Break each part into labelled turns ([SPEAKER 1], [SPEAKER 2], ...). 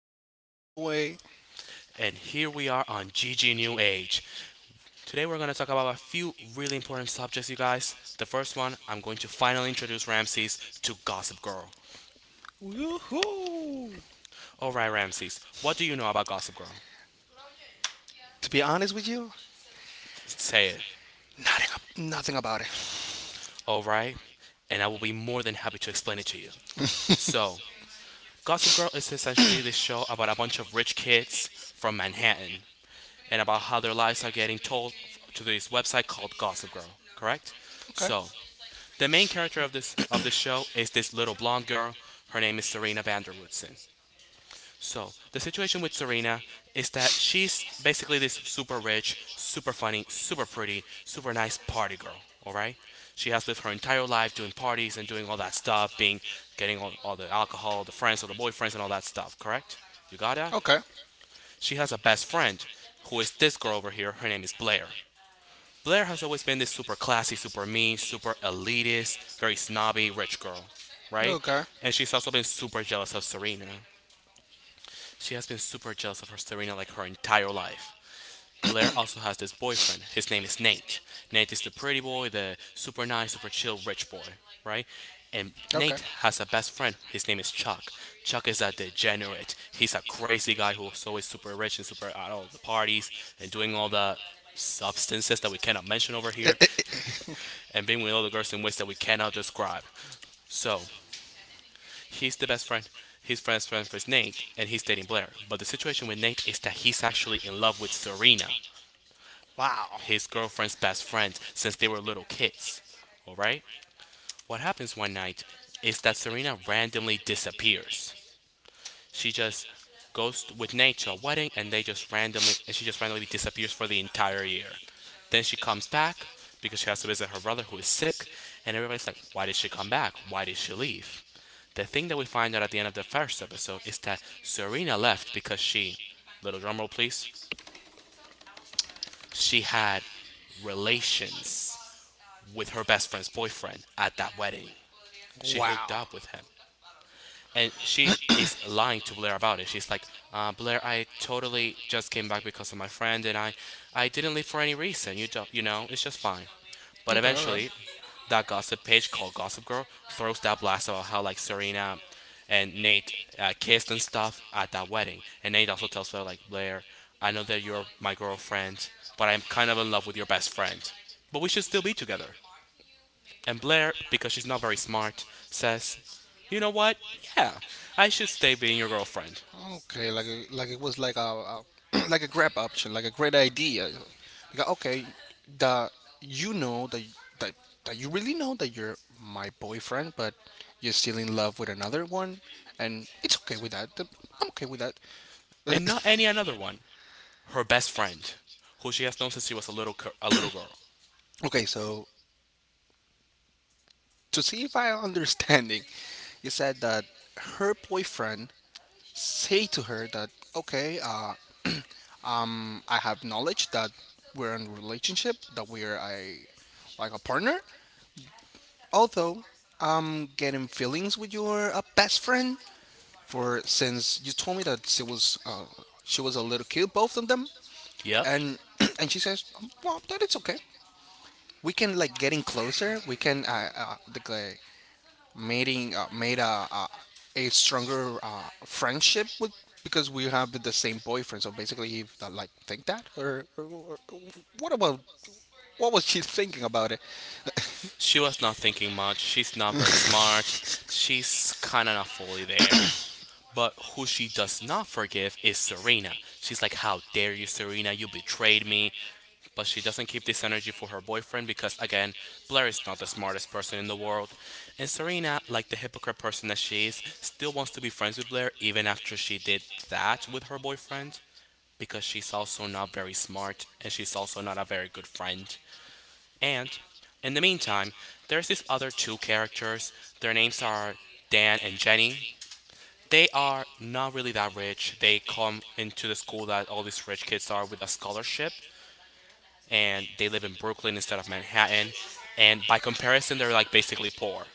[SPEAKER 1] And Ramsey's on the way.
[SPEAKER 2] and here we are on GG New Age. Today, we're going to talk about a few really important subjects, you guys. The first one, I'm going to finally introduce Ramses to Gossip Girl.
[SPEAKER 1] Woohoo!
[SPEAKER 2] All right, Ramses, what do you know about Gossip Girl?
[SPEAKER 1] To be honest with you,
[SPEAKER 2] Say it.
[SPEAKER 1] nothing, nothing about it.
[SPEAKER 2] All right, and I will be more than happy to explain it to you. So, Gossip Girl is essentially this show about a bunch of rich kids from Manhattan and about how their lives are getting told to this website called Gossip Girl, correct?
[SPEAKER 1] Okay,
[SPEAKER 2] So, the main character of this show is this little blonde girl. Her name is Serena Vanderwoodson. So the situation with Serena is that she's basically this super rich, super funny, super pretty, super nice party girl. All right, she has lived her entire life doing parties and doing all that stuff, being getting all the alcohol, the friends, all the boyfriends, and all that stuff. Correct? You got that?
[SPEAKER 1] okay,
[SPEAKER 2] She has a best friend who is this girl over here. Her name is Blair. Blair has always been this super classy, super mean, super elitist, very snobby, rich girl, right?
[SPEAKER 1] okay,
[SPEAKER 2] And she's also been super jealous of Serena. She has been super jealous of her Serena like her entire life. Blair also has this boyfriend. His name is Nate. Nate is the pretty boy, the super nice, super chill, rich boy, right? And Nate
[SPEAKER 1] okay.
[SPEAKER 2] has a best friend. His name is Chuck. Chuck is a degenerate. He's a crazy guy who's always super rich and super at all the parties and doing all the substances that we cannot mention over here and being with all the girls in ways that we cannot describe. So, he's the best friend. His best friend is Nate, and he's dating Blair. But the situation with Nate is that he's actually in love with Serena,
[SPEAKER 1] Wow,
[SPEAKER 2] his girlfriend's best friend, since they were little kids. All right. What happens one night is that Serena randomly disappears. She just with Nate to a wedding, and they just randomly and she just randomly disappears for the entire year. Then she comes back because she has to visit her brother who is sick, and everybody's like, "Why did she come back? Why did she leave?" The thing that we find out at the end of the first episode is that Serena left because she, little drumroll please, she had relations with her best friend's boyfriend at that wedding. She hooked
[SPEAKER 1] wow.
[SPEAKER 2] up with him. And she is lying to Blair about it. She's like, "Blair, I totally just came back because of my friend, and I didn't leave for any reason. You don't, it's just fine." But
[SPEAKER 1] Okay, okay,
[SPEAKER 2] eventually, that gossip page called Gossip Girl throws that blast about how like Serena and Nate kissed and stuff at that wedding, and Nate also tells Blair like, "Blair, I know that you're my girlfriend, but I'm kind of in love with your best friend, but we should still be together." And Blair, because she's not very smart, says, "You know what? Yeah, I should stay being your girlfriend."
[SPEAKER 1] okay. Like it was like a like a grab option, like a great idea. Like, okay, the you know that that you really know that you're my boyfriend, but you're still in love with another one, and it's okay with that. I'm okay with that.
[SPEAKER 2] And not any another one. Her best friend, who she has known since she was a little girl.
[SPEAKER 1] Okay, so to see if I am understanding, you said that her boyfriend say to her that okay, I have knowledge that we're in a relationship, that we're a like a partner. Although I'm getting feelings with your best friend for since you told me that she was a little cute, both of them,
[SPEAKER 2] Yep.
[SPEAKER 1] and and she says, well, that it's okay. We can like getting closer. We can like, making made a stronger friendship with because we have the same boyfriend. So basically, he like think that or what about what was she thinking about it?
[SPEAKER 2] She was not thinking much. She's not very smart. She's kind of not fully there. But who she does not forgive is Serena. She's like, "How dare you, Serena? You betrayed me." But she doesn't keep this energy for her boyfriend because, again, Blair is not the smartest person in the world. And Serena, like the hypocrite person that she is, still wants to be friends with Blair even after she did that with her boyfriend, because she's also not very smart and she's also not a very good friend. And in the meantime, there's these other two characters. Their names are Dan and Jenny. They are not really that rich. They come into the school that all these rich kids are with a scholarship, and they live in Brooklyn instead of Manhattan. And by comparison, they're like basically poor.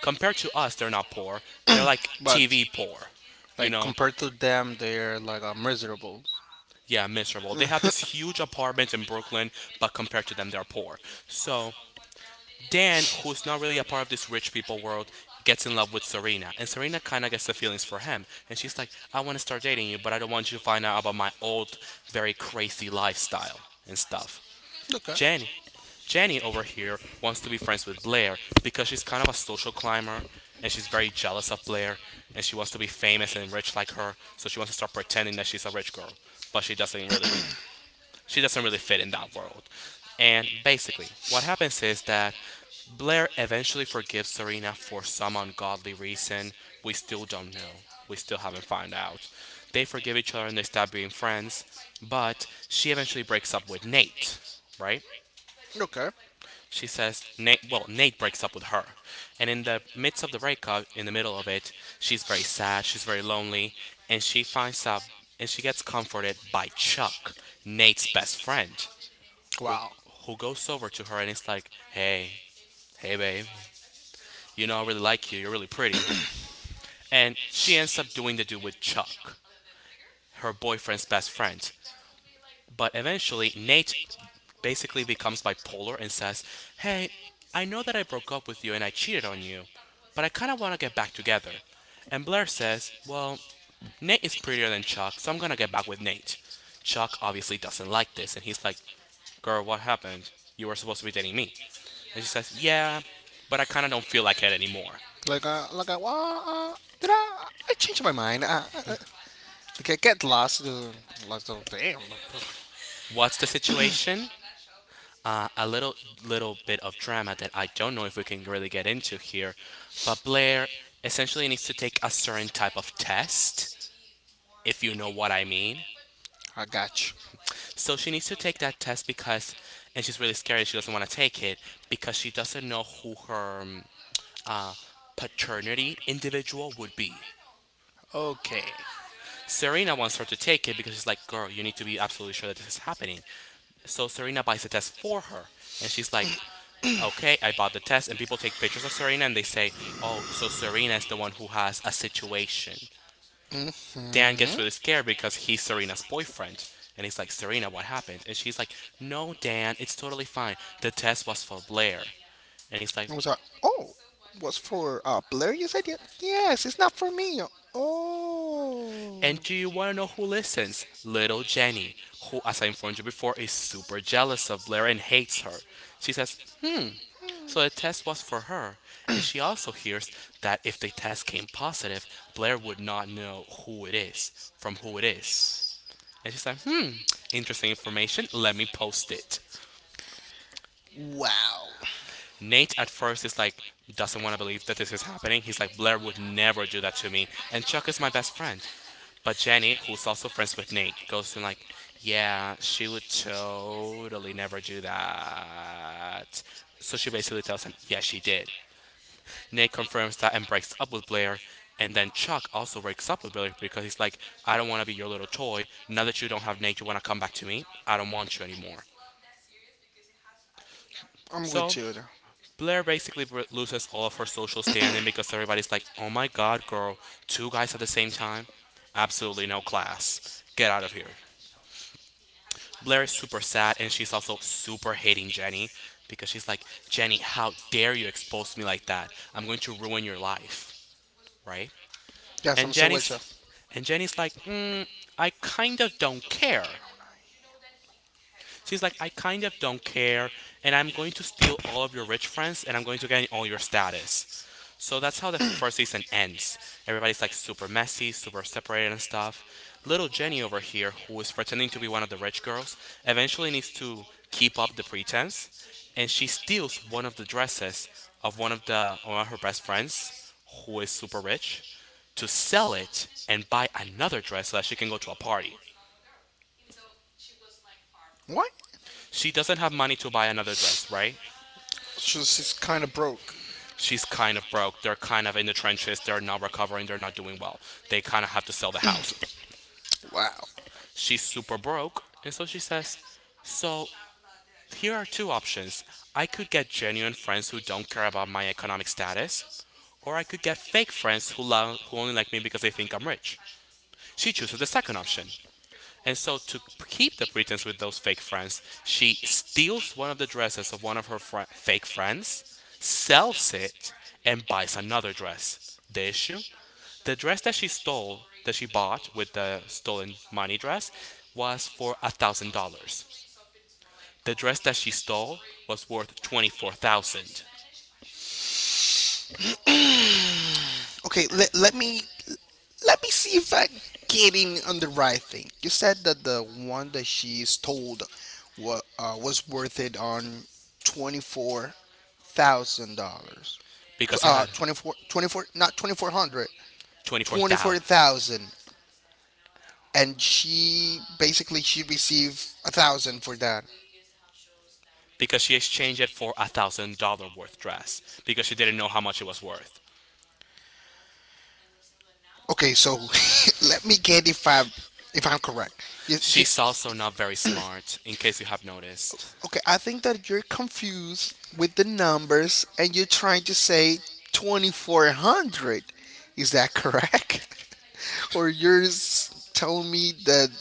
[SPEAKER 2] Compared to us, they're not poor. They're like
[SPEAKER 1] But
[SPEAKER 2] TV poor. You
[SPEAKER 1] like
[SPEAKER 2] know?
[SPEAKER 1] compared to them, they're like miserable.
[SPEAKER 2] Yeah, miserable. They have this huge apartment in Brooklyn, but compared to them, they're poor. So Dan, who's not really a part of this rich people world, gets in love with Serena, and Serena kind of gets the feelings for him. And she's like, "I want to start dating you, but I don't want you to find out about my old, very crazy lifestyle and stuff."
[SPEAKER 1] Okay,
[SPEAKER 2] Jenny. Jenny over here wants to be friends with Blair because she's kind of a social climber, and she's very jealous of Blair, and she wants to be famous and rich like her, so she wants to start pretending that she's a rich girl, but she doesn't really fit in that world. And basically, what happens is that Blair eventually forgives Serena for some ungodly reason we still don't know. We still haven't found out. They forgive each other and they stop being friends, but she eventually breaks up with Nate, right?
[SPEAKER 1] okay,
[SPEAKER 2] She says Nate well, Nate breaks up with her. And in the midst of the breakup, in the middle of it, she's very sad, she's very lonely, and she finds out and she gets comforted by Chuck, Nate's best friend, who
[SPEAKER 1] wow.
[SPEAKER 2] who goes over to her and it's like, "Hey, hey, babe, you know I really like you. You're really pretty." And she ends up doing the dude with Chuck, her boyfriend's best friend. But eventually, Nate basically becomes bipolar and says, "Hey, I know that I broke up with you and I cheated on you, but I kind of want to get back together." And Blair says, "Well, Nate is prettier than Chuck, so I'm gonna get back with Nate." Chuck obviously doesn't like this, and he's like, "Girl, what happened? You were supposed to be dating me." And she says, "Yeah, but I kind of don't feel like it anymore."
[SPEAKER 1] Well, did I changed my mind? Like I get lost. Lost. Oh, damn.
[SPEAKER 2] What's the situation? A little bit of drama that I don't know if we can really get into here, but Blair essentially needs to take a certain type of test, if you know what I mean.
[SPEAKER 1] I got you.
[SPEAKER 2] So she needs to take that test, and she's really scared. She doesn't want to take it because she doesn't know who her paternity individual would be.
[SPEAKER 1] Okay.
[SPEAKER 2] Serena wants her to take it because she's like, "Girl, you need to be absolutely sure that this is happening." So Serena buys the test for her. And she's like, "Okay, I bought the test." And people take pictures of Serena and they say, "Oh, so Serena is the one who has a situation." Dan gets really scared because he's Serena's boyfriend. And he's like, "Serena, what happened?" And she's like, "No, Dan, it's totally fine. The test was for Blair." And he's like,
[SPEAKER 1] I was like, oh, was for Blair? Yes, yes, it's not for me. Oh,
[SPEAKER 2] and do you want to know who listens? Little Jenny, who, as I informed you before, is super jealous of Blair and hates her. She says, "So the test was for her." And she also hears that if the test came positive, Blair would not know who it is, from who it is. And she's like, "Hmm, interesting information. Let me post it."
[SPEAKER 1] wow.
[SPEAKER 2] Nate at first is like doesn't want to believe that this is happening. He's like, "Blair would never do that to me, and Chuck is my best friend." But Jenny, who's also friends with Nate, goes in like, "Yeah, she would totally never do that." So she basically tells him, "Yeah, she did." Nate confirms that and breaks up with Blair. And then Chuck also breaks up with Blair because he's like, "I don't want to be your little toy. Now that you don't have Nate, you want to come back to me? I don't want you anymore."
[SPEAKER 1] I'm
[SPEAKER 2] So
[SPEAKER 1] with you there.
[SPEAKER 2] Blair basically loses all of her social standing because everybody's like, "Oh my god, girl, two guys at the same time? Absolutely no class. Get out of here." Blair is super sad and she's also super hating Jenny because she's like, "Jenny, how dare you expose me like that? I'm going to ruin your life, right?"
[SPEAKER 1] Yes,
[SPEAKER 2] And
[SPEAKER 1] I'm still with you.
[SPEAKER 2] Jenny's and Jenny's like, "I kind of don't care." She's like, "I kind of don't care, and I'm going to steal all of your rich friends, and I'm going to gain all your status." So that's how the first season ends. Everybody's like super messy, super separated and stuff. Little Jenny over here, who is pretending to be one of the rich girls, eventually needs to keep up the pretense, and she steals one of the dresses of one of her best friends, who is super rich, to sell it and buy another dress so that she can go to a party.
[SPEAKER 1] What?
[SPEAKER 2] She doesn't have money to buy another dress, right?
[SPEAKER 1] She's kind of broke.
[SPEAKER 2] She's kind of broke. They're kind of in the trenches. They're not recovering. They're not doing well. They kind of have to sell the house.
[SPEAKER 1] Wow.
[SPEAKER 2] She's super broke. And so she says, so here are two options. I could get genuine friends who don't care about my economic status, or I could get fake friends who only like me because they think I'm rich. She chooses the second option. And so, to keep the pretense with those fake friends, she steals one of the dresses of one of her fri- fake friends, sells it, and buys another dress. The issue? The dress that she stole, that she bought with the stolen money dress, was for $1,000. The dress that she stole was worth $24,000
[SPEAKER 1] Okay, let me see if I getting on the right thing. You said that the one that she stole what was worth it on $24,000.
[SPEAKER 2] because it had
[SPEAKER 1] 24, 24, not 2,400,
[SPEAKER 2] twenty four
[SPEAKER 1] twenty
[SPEAKER 2] thousand
[SPEAKER 1] four
[SPEAKER 2] dollars
[SPEAKER 1] thousand. And she basically she received a thousand for that.
[SPEAKER 2] because she exchanged it for a $1,000 worth dress because she didn't know how much it was worth.
[SPEAKER 1] Okay, so let me get if I'm correct. You, you,
[SPEAKER 2] She's also not very smart, in case you have noticed.
[SPEAKER 1] okay, I think that you're confused with the numbers and you're trying to say 2,400. Is that correct? Or you're telling me that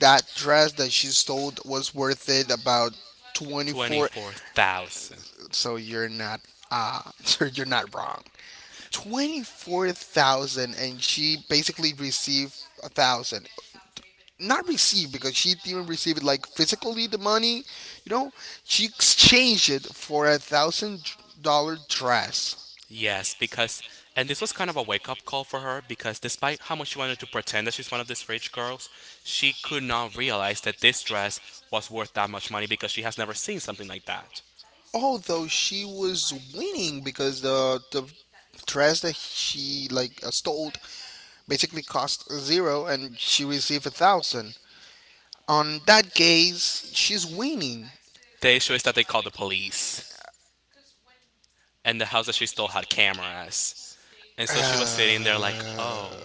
[SPEAKER 1] that dress that she stole was worth it about twenty
[SPEAKER 2] Twenty
[SPEAKER 1] four?
[SPEAKER 2] four thousand. dollars.
[SPEAKER 1] So you're not so you're not wrong. 24,000, and she basically received a thousand. Not received because she didn't receive it like physically the money. You know, she exchanged it for $1,000 dress.
[SPEAKER 2] Yes, because, and this was kind of a wake up call for her because despite how much she wanted to pretend that she's one of these rich girls, she could not realize that this dress was worth that much money because she has never seen something like that.
[SPEAKER 1] Although she was winning because the dress that she like stole basically cost zero, and she received a thousand. On that case, she's winning.
[SPEAKER 2] The issue is that they called the police, and the house that she stole had cameras. And so she was sitting there like, oh,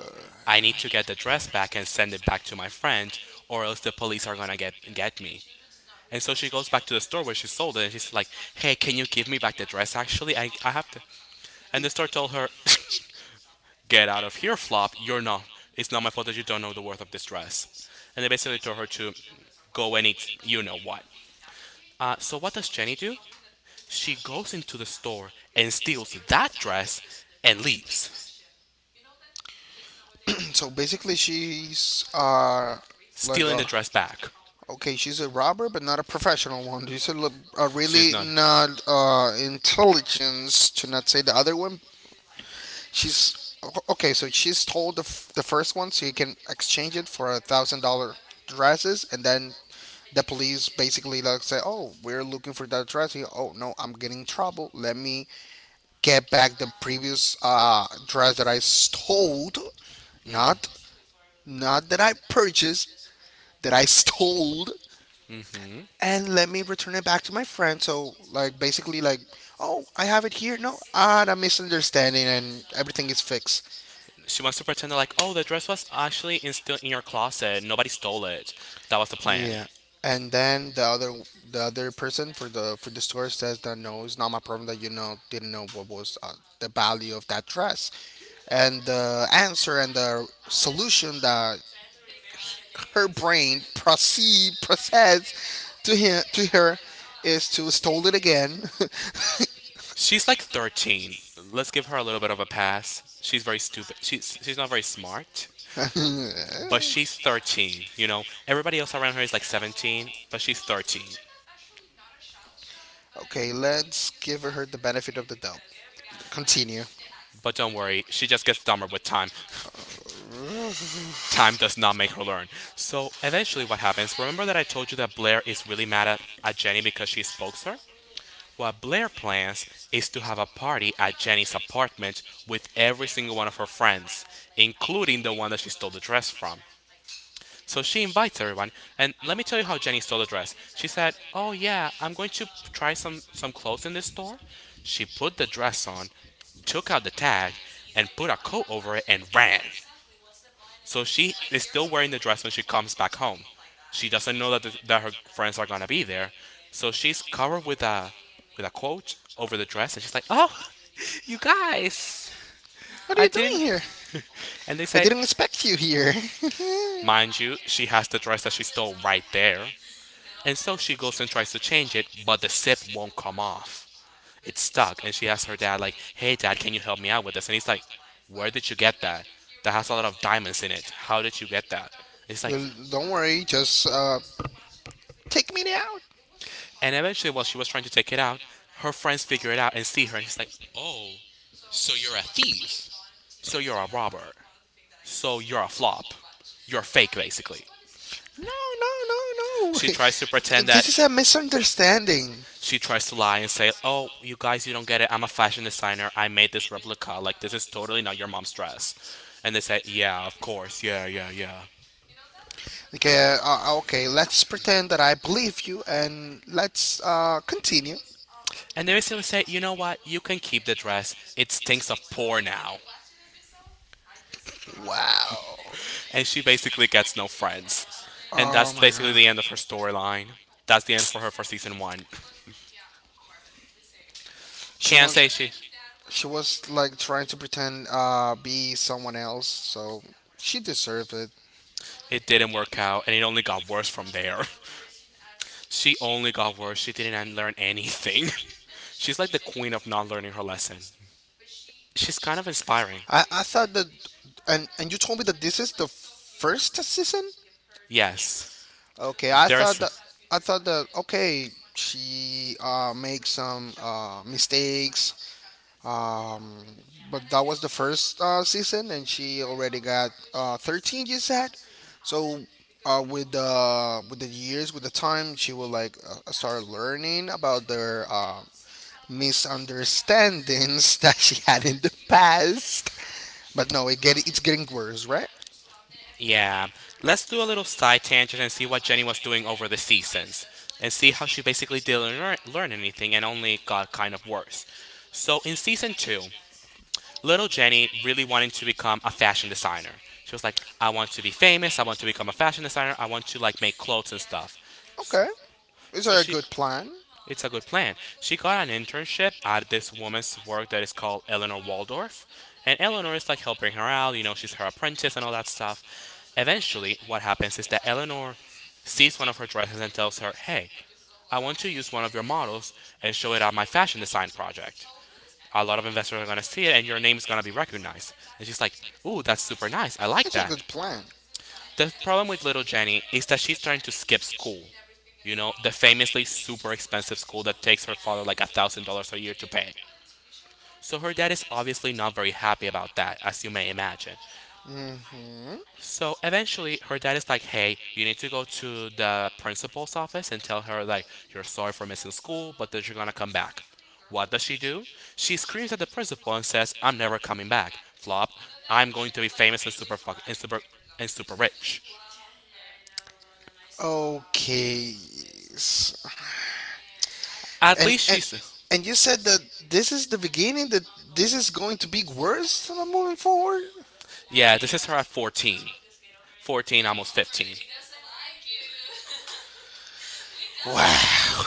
[SPEAKER 2] I need to get the dress back and send it back to my friend, or else the police are gonna get me. And so she goes back to the store where she sold it, and she's like, "Hey, can you give me back the dress? Actually, I have to." And the store told her, get out of here, Flop. You're not. It's not my fault that you don't know the worth of this dress. And they basically told her to go and eat you know what. So what does Jenny do? She goes into the store and steals that dress and leaves,
[SPEAKER 1] So basically, she's like
[SPEAKER 2] stealing
[SPEAKER 1] a
[SPEAKER 2] the dress back.
[SPEAKER 1] okay, she's a robber, but not a professional one. She's a
[SPEAKER 2] She's
[SPEAKER 1] really
[SPEAKER 2] not.
[SPEAKER 1] not intelligence, to not say the other one. She's okay. So she stole the first one, so you can exchange it for $1,000 dresses, and then the police basically like say, "Oh, we're looking for that dress." Oh no, I'm getting in trouble. Let me get back the previous dress that I stole, not that I purchased, that I stole, and let me return it back to my friend. So like basically like, oh, I have it here. No, a misunderstanding, and everything is fixed.
[SPEAKER 2] She wants to pretend like, oh, the dress was actually in still in your closet. Nobody stole it. That was the plan.
[SPEAKER 1] Yeah. And then the other person for the store says that no, it's not my problem that didn't know what was the value of that dress, and the answer and the solution that her brain proceed process to him to her is to stole it again.
[SPEAKER 2] She's like 13. Let's give her a little bit of a pass. She's very stupid. She's not very smart. But she's 13, you know. Everybody else around her is like 17, but she's 13.
[SPEAKER 1] Okay, let's give her the benefit of the doubt. Continue.
[SPEAKER 2] But don't worry, she just gets dumber with time. Time does not make her learn. So eventually, what happens? Remember that I told you that Blair is really mad at Jenny because she spoke to her? What Blair plans is to have a party at Jenny's apartment with every single one of her friends, including the one that she stole the dress from. So she invites everyone, and let me tell you how Jenny stole the dress. She said, "Oh yeah, I'm going to try some clothes in this store." She put the dress on, took out the tag, and put a coat over it and ran. So she is still wearing the dress when she comes back home. She doesn't know that her friends are gonna be there, so she's covered with a coat over the dress, and she's like, "Oh, you guys,
[SPEAKER 1] What are
[SPEAKER 2] I
[SPEAKER 1] you
[SPEAKER 2] didn't."
[SPEAKER 1] doing here?
[SPEAKER 2] And they
[SPEAKER 1] I
[SPEAKER 2] say,
[SPEAKER 1] didn't expect you here.
[SPEAKER 2] mind you, she has the dress that she stole right there. And so she goes and tries to change it, but the zip won't come off. It's stuck. And she asks her dad, like, hey, dad, can you help me out with this? And he's like, where did you get that? That has a lot of diamonds in it. How did you get that? And he's like,
[SPEAKER 1] Well, don't worry, just take me out.
[SPEAKER 2] and eventually, while she was trying to take it out, her friends figure it out and see her. And he's like, oh, so you're a thief. So you're a robber. So you're a flop. You're fake, basically.
[SPEAKER 1] No, no, no, no.
[SPEAKER 2] She tries to pretend that
[SPEAKER 1] This is a misunderstanding.
[SPEAKER 2] she tries to lie and say, "Oh, you guys, you don't get it. I'm a fashion designer. I made this replica. Like this is totally not your mom's dress." And they say, "Yeah, of course. Yeah, yeah, yeah."
[SPEAKER 1] Okay, let's pretend that I believe you, and let's continue.
[SPEAKER 2] And they basically say, "You know what? You can keep the dress. It stinks of poor now."
[SPEAKER 1] Wow.
[SPEAKER 2] And she basically gets no friends. And
[SPEAKER 1] Oh
[SPEAKER 2] that's
[SPEAKER 1] my
[SPEAKER 2] basically
[SPEAKER 1] god.
[SPEAKER 2] the end of her storyline. That's the end for her for season 1.
[SPEAKER 1] She
[SPEAKER 2] Can't
[SPEAKER 1] was
[SPEAKER 2] say she
[SPEAKER 1] she was like trying to pretend be someone else, so she deserved it.
[SPEAKER 2] it didn't work out and it only got worse from there. She only got worse. She didn't learn anything. She's like the queen of not learning her lesson. She's kind of inspiring.
[SPEAKER 1] I thought that, and you told me that this is the first season.
[SPEAKER 2] Yes.
[SPEAKER 1] Okay, I thought
[SPEAKER 2] There's
[SPEAKER 1] that okay, she makes some mistakes. Um, but that was the first season, and she already got 13. You said so. With the years, with the time, she will like start learning about their misunderstandings that she had in the past. But no, it's getting worse, right?
[SPEAKER 2] yeah. Let's do a little side tangent and see what Jenny was doing over the seasons and see how she basically didn't learn anything and only got kind of worse. So in season 2, little Jenny really wanted to become a fashion designer. She was like, I want to be famous, I want to become a fashion designer, I want to like make clothes and stuff.
[SPEAKER 1] Okay, it's
[SPEAKER 2] So
[SPEAKER 1] a
[SPEAKER 2] she
[SPEAKER 1] good plan.
[SPEAKER 2] It's a good plan. She got an internship at this woman's work that is called Eleanor Waldorf. And Eleanor is like helping her out, you know, she's her apprentice and all that stuff. Eventually, what happens is that Eleanor sees one of her dresses and tells her, hey, I want to use one of your models and show it at my fashion design project. A lot of investors are going to see it and your name is going to be recognized. And she's like, ooh, that's super nice. I like
[SPEAKER 1] It's a
[SPEAKER 2] that.
[SPEAKER 1] good plan.
[SPEAKER 2] The problem with little Jenny is that she's trying to skip school. You know, the famously super expensive school that takes her father like $1,000 a year to pay. So her dad is obviously not very happy about that, as you may imagine. So eventually her dad is like, hey, you need to go to the principal's office and tell her like you're sorry for missing school, but that you're gonna come back. What does she do? She screams at the principal and says, "I'm never coming back. Flop. I'm going to be famous and super fuck and super rich."
[SPEAKER 1] Okay, s-
[SPEAKER 2] At
[SPEAKER 1] and
[SPEAKER 2] least
[SPEAKER 1] and
[SPEAKER 2] she's
[SPEAKER 1] and you said that this is the beginning. That this is going to be worse moving forward.
[SPEAKER 2] Yeah, this is her at 14. 14, almost 15.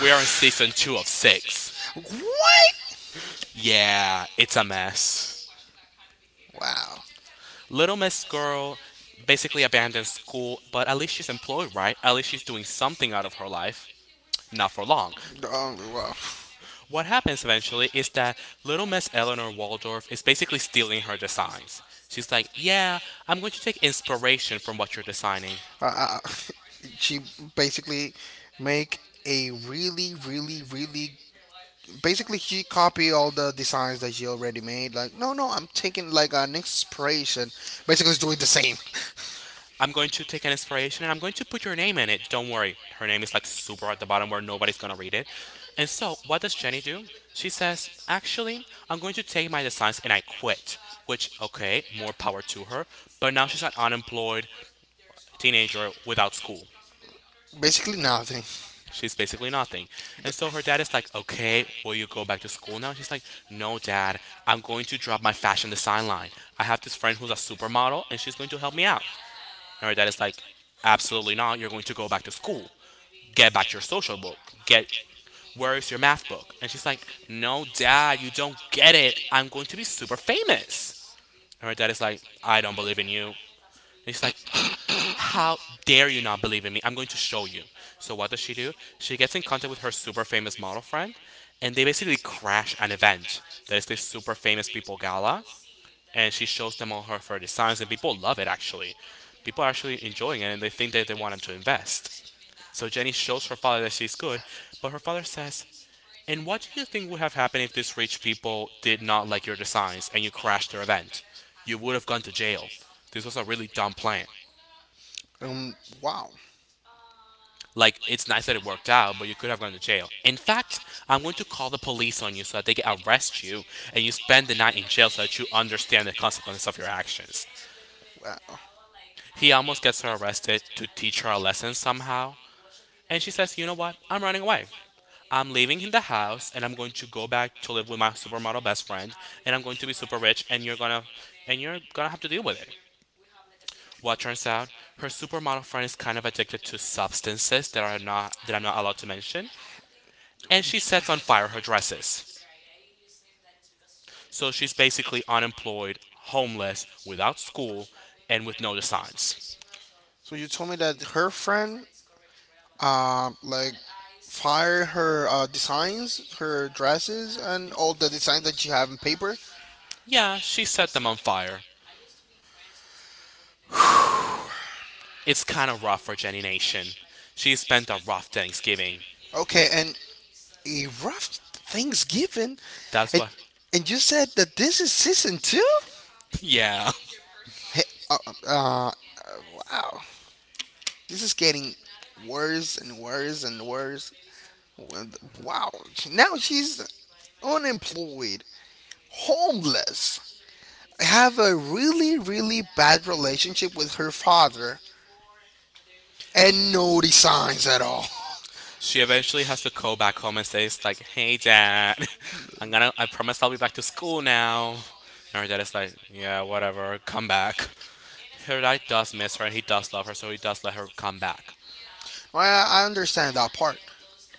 [SPEAKER 2] We are in season 2 of 6.
[SPEAKER 1] What?
[SPEAKER 2] Yeah, it's a mess.
[SPEAKER 1] Wow.
[SPEAKER 2] Little Miss Girl basically abandoned school, but at least she's employed, right? At least she's doing something out of her life. Not for long.
[SPEAKER 1] Well,
[SPEAKER 2] What happens eventually is that Little Miss Eleanor Waldorf is basically stealing her designs. She's like, yeah, I'm going to take inspiration from what you're designing.
[SPEAKER 1] uh, uh, she basically make a really, really, really basically she copied all the designs that she already made. Like, no, no, I'm taking like an inspiration. Basically, it's doing the same.
[SPEAKER 2] I'm going to take an inspiration and I'm going to put your name in it. Don't worry. Her name is like super at the bottom where nobody's gonna read it. And so, what does Jenny do? She says, actually, I'm going to take my designs and I quit. Which, okay, more power to her. But now she's an unemployed teenager without school.
[SPEAKER 1] Basically, nothing.
[SPEAKER 2] She's basically nothing. And so her dad is like, okay, will you go back to school now? She's like, no, dad, I'm going to drop my fashion design line. I have this friend who's a supermodel and she's going to help me out. And her dad is like, absolutely not. You're going to go back to school. Get back your social book. Get where is your math book? And she's like, no, dad, you don't get it. I'm going to be super famous. And her dad is like, I don't believe in you. And she's like, how dare you not believe in me? I'm going to show you. So what does she do? She gets in contact with her super famous model friend, and they basically crash an event that is the super famous people gala and she shows them of her designs, and people love it actually. People are actually enjoying it, and they think that they want to invest. So Jenny shows her father that she's good, but her father says, and what do you think would have happened if these rich people did not like your designs and you crashed their event? You would have gone to jail. This was a really dumb plan.
[SPEAKER 1] Um, wow,
[SPEAKER 2] Like, it's nice that it worked out, but you could have gone to jail. In fact, I'm going to call the police on you so that they can arrest you and you spend the night in jail so that you understand the consequences of your actions.
[SPEAKER 1] wow.
[SPEAKER 2] He almost gets her arrested to teach her a lesson somehow. And she says, you know what? I'm running away. I'm leaving in the house and I'm going to go back to live with my supermodel best friend, and I'm going to be super rich and you're gonna have to deal with it. Well, it turns out her supermodel friend is kind of addicted to substances that I'm not allowed to mention. And she sets on fire her dresses. So she's basically unemployed, homeless, without school, and with no designs.
[SPEAKER 1] So you told me that her friend, like, fired her designs, her dresses, and all the designs that you have in paper.
[SPEAKER 2] Yeah, she set them on fire. It's kind of rough for Jenny Nation. She spent a rough Thanksgiving.
[SPEAKER 1] Okay, and a rough Thanksgiving,
[SPEAKER 2] That's
[SPEAKER 1] and
[SPEAKER 2] why.
[SPEAKER 1] and you said that this is season two.
[SPEAKER 2] Yeah.
[SPEAKER 1] Hey, uh, uh, uh, wow. This is getting worse and worse and worse. Wow. Now she's unemployed, homeless. I have a really, really bad relationship with her father, and no designs at all.
[SPEAKER 2] She eventually has to go back home and say, it's like, hey, dad, I promise I'll be back to school now. And her dad is like, yeah, whatever, come back. Her dad does miss her and he does love her, so he does let her come back.
[SPEAKER 1] Well, I understand that part.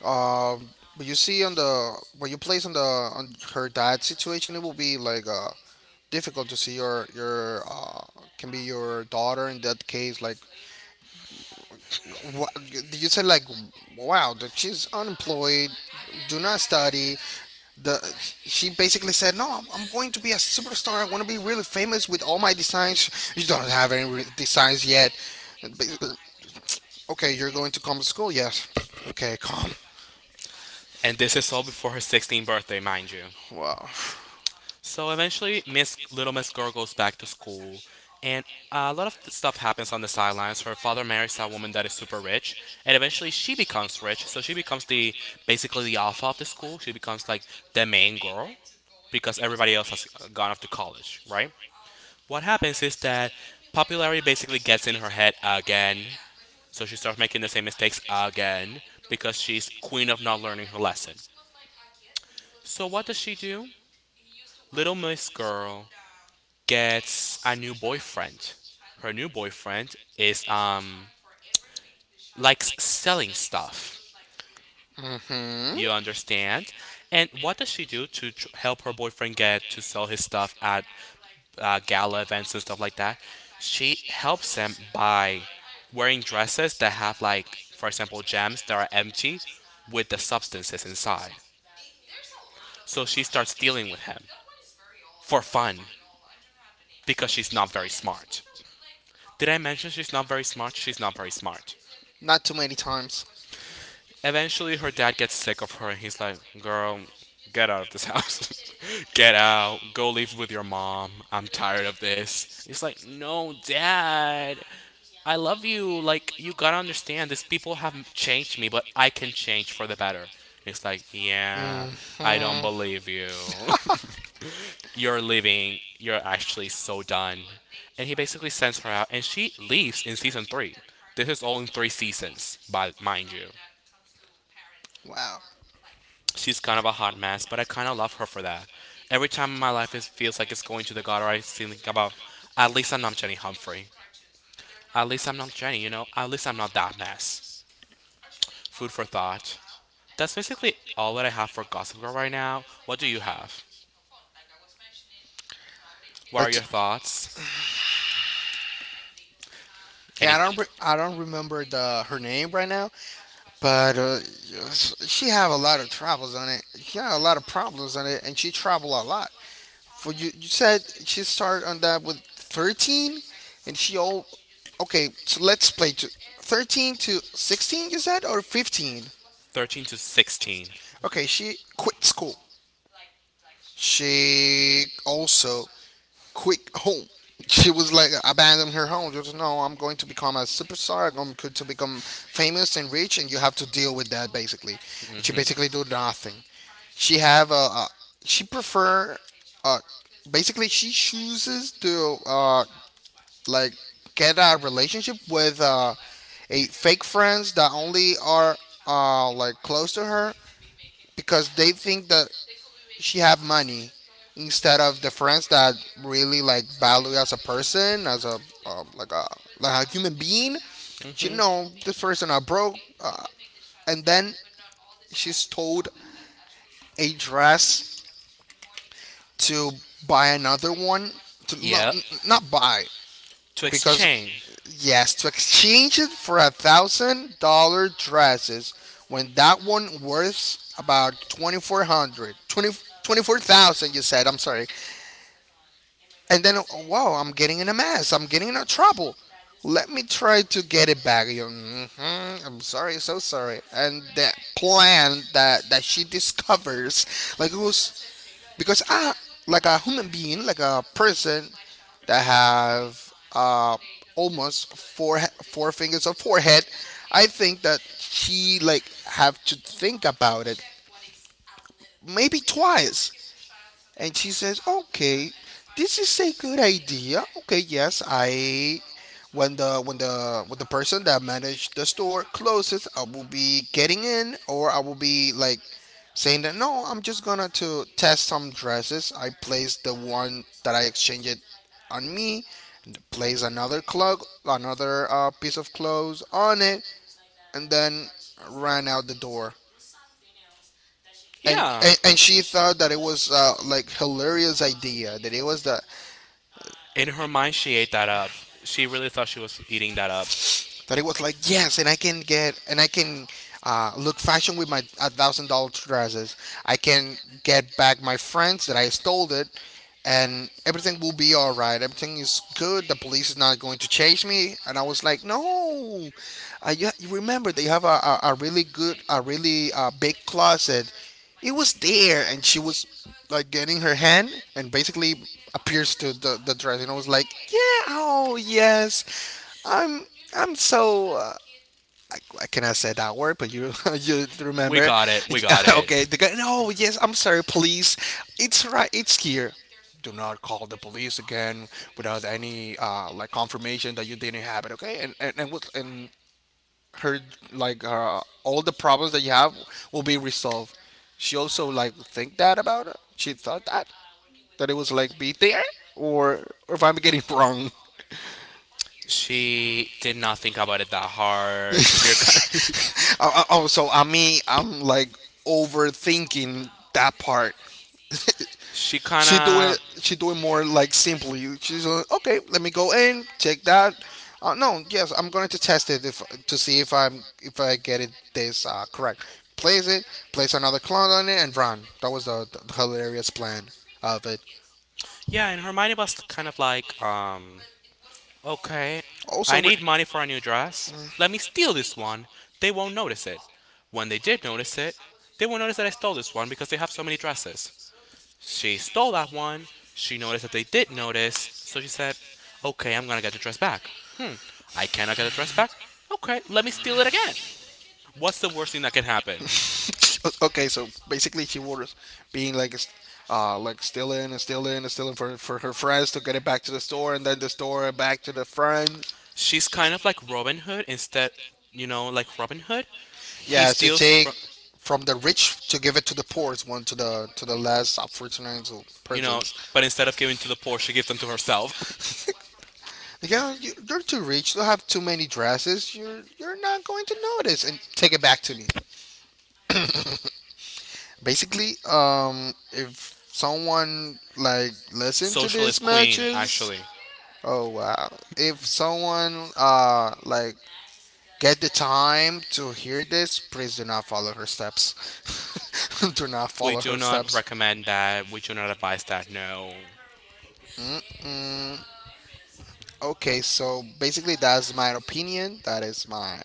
[SPEAKER 1] Um, but you see on the when you place on the on her dad situation, it will be like difficult to see your can be your daughter in that case like, you said like, wow, that she's unemployed, do not study. The She basically said, no, I'm going to be a superstar. I want to be really famous with all my designs. You don't have any designs yet. But, okay, you're going to come to school, yes. Okay, come.
[SPEAKER 2] And this is all before her 16th birthday, mind you.
[SPEAKER 1] Wow.
[SPEAKER 2] So eventually, Miss Little Miss Girl goes back to school, and a lot of stuff happens on the sidelines. Her father marries a woman that is super rich, and eventually she becomes rich. So she becomes the basically the alpha of the school. She becomes like the main girl because everybody else has gone off to college, right? What happens is that popularity basically gets in her head again. So she starts making the same mistakes again because she's queen of not learning her lesson. So what does she do? Little Miss Girl gets a new boyfriend. Her new boyfriend is likes selling stuff.
[SPEAKER 1] Hmm.
[SPEAKER 2] You understand? And what does she do to help her boyfriend get to sell his stuff at gala events and stuff like that? She helps him by wearing dresses that have, like, for example, gems that are empty with the substances inside. So she starts dealing with him for fun because she's not very smart. Did I mention she's not very smart? She's not very smart.
[SPEAKER 1] Not too many times.
[SPEAKER 2] Eventually, her dad gets sick of her and he's like, Girl, get out of this house. Get out. Go live with your mom. I'm tired of this. He's like, No, dad. I love you. Like, you gotta understand, these people have changed me, but I can change for the better. It's like, yeah, I don't
[SPEAKER 1] Hmm.
[SPEAKER 2] believe you. You're leaving. You're actually so done. And he basically sends her out, and she leaves in season three. This is all in three seasons, but mind you.
[SPEAKER 1] Wow.
[SPEAKER 2] She's kind of a hot mess, but I kind of love her for that. Every time my life feels like it's going to the gutter, I think about, at least I'm not Jenny Humphrey. At least I'm not Jenny, you know? At least I'm not that mess. Food for thought. That's basically all that I have for Gossip Girl right now. What do you have? What are
[SPEAKER 1] Like,
[SPEAKER 2] your
[SPEAKER 1] t-
[SPEAKER 2] thoughts?
[SPEAKER 1] Okay,
[SPEAKER 2] Any.
[SPEAKER 1] I don't remember the her name right now, but yes, she have a lot of troubles on it. She had a lot of problems on it, and she travel a lot. For you, you said she started on that with 13, and she all okay. So let's play to 13 to 16. You said or 15?
[SPEAKER 2] 13 to 16.
[SPEAKER 1] Okay, she quit school. She also quick home. She was like abandoned her home. Just no, I'm going to become a superstar. I'm going to become famous and rich, and you have to deal with that basically. And she
[SPEAKER 2] Mm
[SPEAKER 1] basically do nothing. She have a she prefer uh basically she chooses to like get a relationship with a fake friends that only are like close to her because they think that she have money instead of the friends that really like value as a person as a like a human being. She
[SPEAKER 2] hmm.
[SPEAKER 1] know this person are broke and then she's told a dress to buy another one to no,
[SPEAKER 2] Yeah.
[SPEAKER 1] not buy
[SPEAKER 2] To
[SPEAKER 1] because
[SPEAKER 2] exchange.
[SPEAKER 1] yes to exchange it for $1,000 dresses when that one worth about 20 four hundred, twenty, 24000. You said, I'm sorry, and then, wow, I'm getting in a mess. I'm getting in a trouble. Let me try to get it back. Hmm, I'm sorry, so sorry. And the plan that she discovers, like it was because I, like a human being, like a person that have almost four fingers of forehead, I think that she like have to think about it maybe twice, and she says, "Okay, this is a good idea. Okay, yes, I when the when the when the person that managed the store closes, I will be getting in, or I will be like saying that no, I'm just gonna to test some dresses. I place the one that I exchanged it on me, and place another clog, another piece of clothes on it, and then ran out the door." And,
[SPEAKER 2] Yeah.
[SPEAKER 1] she thought that it was like hilarious idea, that it was the
[SPEAKER 2] In her mind, she ate that up. She really thought she was eating that up.
[SPEAKER 1] that it was like, yes, and I can look fashion with my $1,000 dresses. I can get back my friends that I stole it, and everything will be all right, everything is good, the police is not going to chase me. And I was like, no, you remember they have a really good a really big closet. It was there, and she was like getting her hand, and basically appears to the dress. And I was like, yeah, oh, yes, I'm I'm so I cannot say that word, but you you
[SPEAKER 2] We
[SPEAKER 1] remember?
[SPEAKER 2] got it. We got it.
[SPEAKER 1] Okay, the guy. No, yes, I'm sorry. Police, it's right. It's here. Do not call the police again without any like confirmation that you didn't have it. Okay, and her like all the problems that you have will be resolved. She also like think that about it. She thought that it was like be there or if I'm getting it wrong.
[SPEAKER 2] She did not think about it that hard. You're kind.
[SPEAKER 1] Oh, so I mean, I'm like overthinking that part.
[SPEAKER 2] She kind
[SPEAKER 1] She do it.
[SPEAKER 2] of.
[SPEAKER 1] She do it more like simply. She's like, okay, let me go in, check that. No, yes, I'm going to test it if to see if I'm if I get it this correct. Place it, place another clone on it, and run. That was the hilarious plan of it.
[SPEAKER 2] Yeah, in her mind, it was kind of like, okay,
[SPEAKER 1] Also,
[SPEAKER 2] I
[SPEAKER 1] re-
[SPEAKER 2] need money for a new dress. Let me steal this one. They won't notice it. When they did notice it, they won't notice that I stole this one because they have so many dresses. She stole that one. She noticed that they did notice, so she said, Okay, I'm gonna get the dress back. Hmm, I cannot get the dress back? Okay, let me steal it again. What's the worst thing that can happen?
[SPEAKER 1] okay, so basically she was being like, st- like stealing and stealing and stealing for her friends to get it back to the store, and then the store back to the friends.
[SPEAKER 2] She's kind of like Robin Hood. Instead, you know, like Robin Hood. He
[SPEAKER 1] Yeah, to
[SPEAKER 2] steals
[SPEAKER 1] take
[SPEAKER 2] from,
[SPEAKER 1] from the rich to give it to the poorest one to the less unfortunate
[SPEAKER 2] you know,
[SPEAKER 1] persons.
[SPEAKER 2] but instead of giving to the poor, she gives them to herself.
[SPEAKER 1] Yeah, you're too rich. You have too many dresses. You're not going to notice, and take it back to me. Basically, if someone like listened to these
[SPEAKER 2] Socialist Queen,
[SPEAKER 1] matches,
[SPEAKER 2] actually.
[SPEAKER 1] oh wow. If someone like get the time to hear this, please do not follow her steps. Do not
[SPEAKER 2] We
[SPEAKER 1] follow
[SPEAKER 2] do
[SPEAKER 1] her
[SPEAKER 2] not
[SPEAKER 1] steps.
[SPEAKER 2] recommend that. We do not advise that. No.
[SPEAKER 1] Mm, okay, so basically that's my opinion. That is my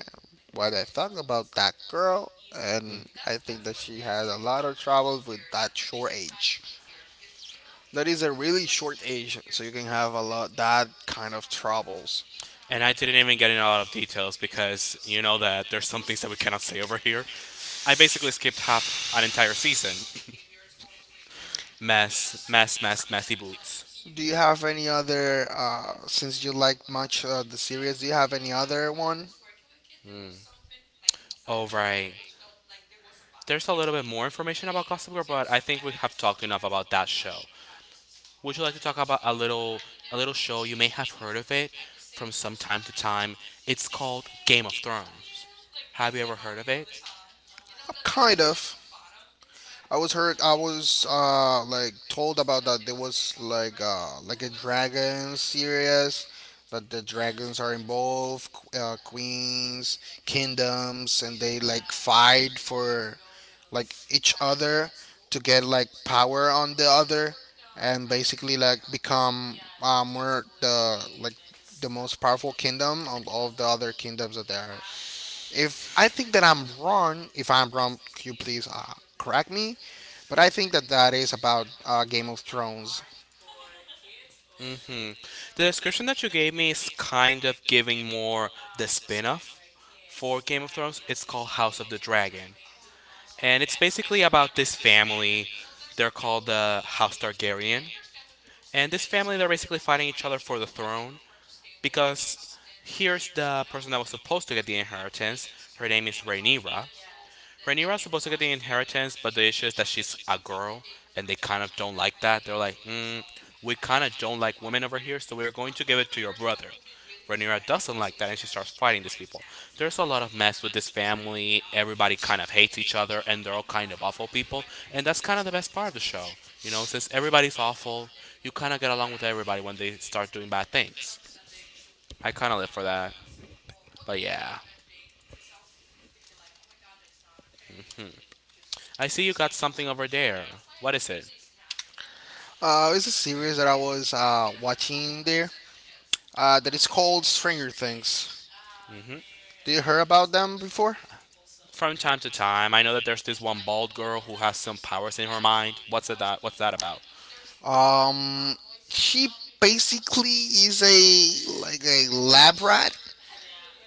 [SPEAKER 1] what I thought about that girl, and I think that she has a lot of trouble with that short age. That is a really short age, so you can have a lot that kind of troubles.
[SPEAKER 2] And I didn't even get in a lot of details because you know that there's some things that we cannot say over here. I basically skipped half an entire season. Mess, mess, mess, messy boots.
[SPEAKER 1] Do you have any other, since you like much the series, do you have any other one?
[SPEAKER 2] All right. There's a little bit more information about Gossip Girl, but I think we have talked enough about that show. Would you like to talk about a little show you may have heard of it from some time to time? It's called Game of Thrones. Have you ever heard of it?
[SPEAKER 1] Kind of. I was heard, I was like told about that there was like a dragon series, that the dragons are involved, qu- queens, kingdoms, and they like fight for like each other to get like power on the other and basically like become more the like the most powerful kingdom of all the other kingdoms that there are. If I think that I'm wrong, if I'm wrong, could you please correct me? But I think that that is about Game of Thrones.
[SPEAKER 2] hmm The description that you gave me is kind of giving more the spin-off for Game of Thrones. It's called House of the Dragon. And it's basically about this family. They're called the House Targaryen. And this family, they're basically fighting each other for the throne, because here's the person that was supposed to get the inheritance. Her name is Rhaenyra. Rhaenyra's supposed to get the inheritance, but the issue is that she's a girl, and they kind of don't like that. They're like, mm, we kind of don't like women over here, so we're going to give it to your brother. Rhaenyra doesn't like that, and she starts fighting these people. There's a lot of mess with this family. Everybody kind of hates each other, and they're all kind of awful people. And that's kind of the best part of the show, you know. Since everybody's awful, you kind of get along with everybody when they start doing bad things. I kind of live for that. But yeah, I see you got something over there. What is it?
[SPEAKER 1] It's a series that I was watching there that is called Stranger Things.
[SPEAKER 2] Mm hmm.
[SPEAKER 1] Do you hear about them before?
[SPEAKER 2] From time to time. I know that there's this one bald girl who has some powers in her mind. What's it that? What's that about?
[SPEAKER 1] Um, she basically is a like a lab rat.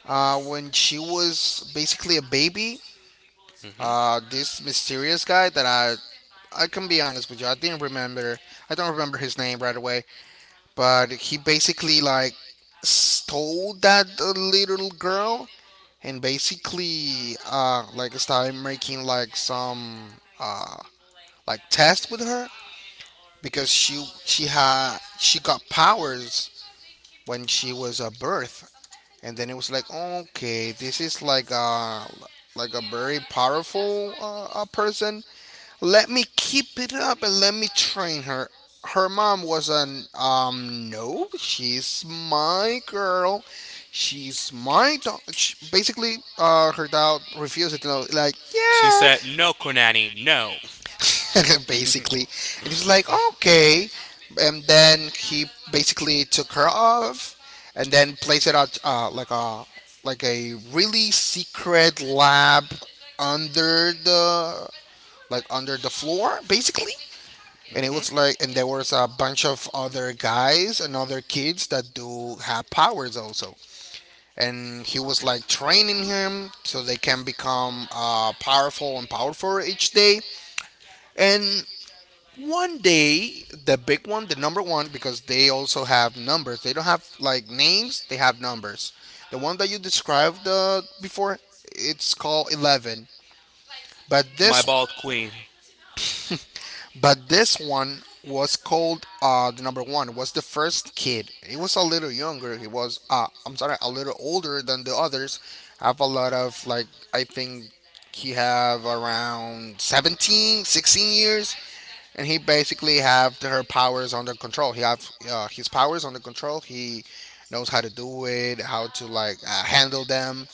[SPEAKER 1] When she was basically a baby,
[SPEAKER 2] hmm
[SPEAKER 1] this mysterious guy that I can be honest with you, I didn't remember. I don't remember his name right away, but he basically like stole that little girl and basically like started making like some uh like test with her because she got powers when she was a birth, and then it was like, okay, this is like a very powerful person. Let me keep it up and let me train her. Her mom was an no, she's my girl, she's my dog. Basically, her dad refused it. You know, like
[SPEAKER 2] She
[SPEAKER 1] yeah,
[SPEAKER 2] said, "No, Konani, no,
[SPEAKER 1] basically. And he was like, okay. And then he basically took her off, and then placed it out like a really secret lab under the like under the floor, basically. And it was like, and there was a bunch of other guys and other kids that do have powers also. And he was like training him so they can become powerful and powerful each day. And one day, the big one, the number one, because they also have numbers. They don't have like names; they have numbers. The one that you described before, it's called 11. But
[SPEAKER 2] my
[SPEAKER 1] this,
[SPEAKER 2] bald queen."
[SPEAKER 1] but this one was called the number one. Was the first kid. He was a little younger. He was, I'm sorry, a little older than the others. Have a lot of like, I think he have around 17, 16 years, and he basically have the- her powers under control. He have his powers under control. He knows how to do it, how to like handle them,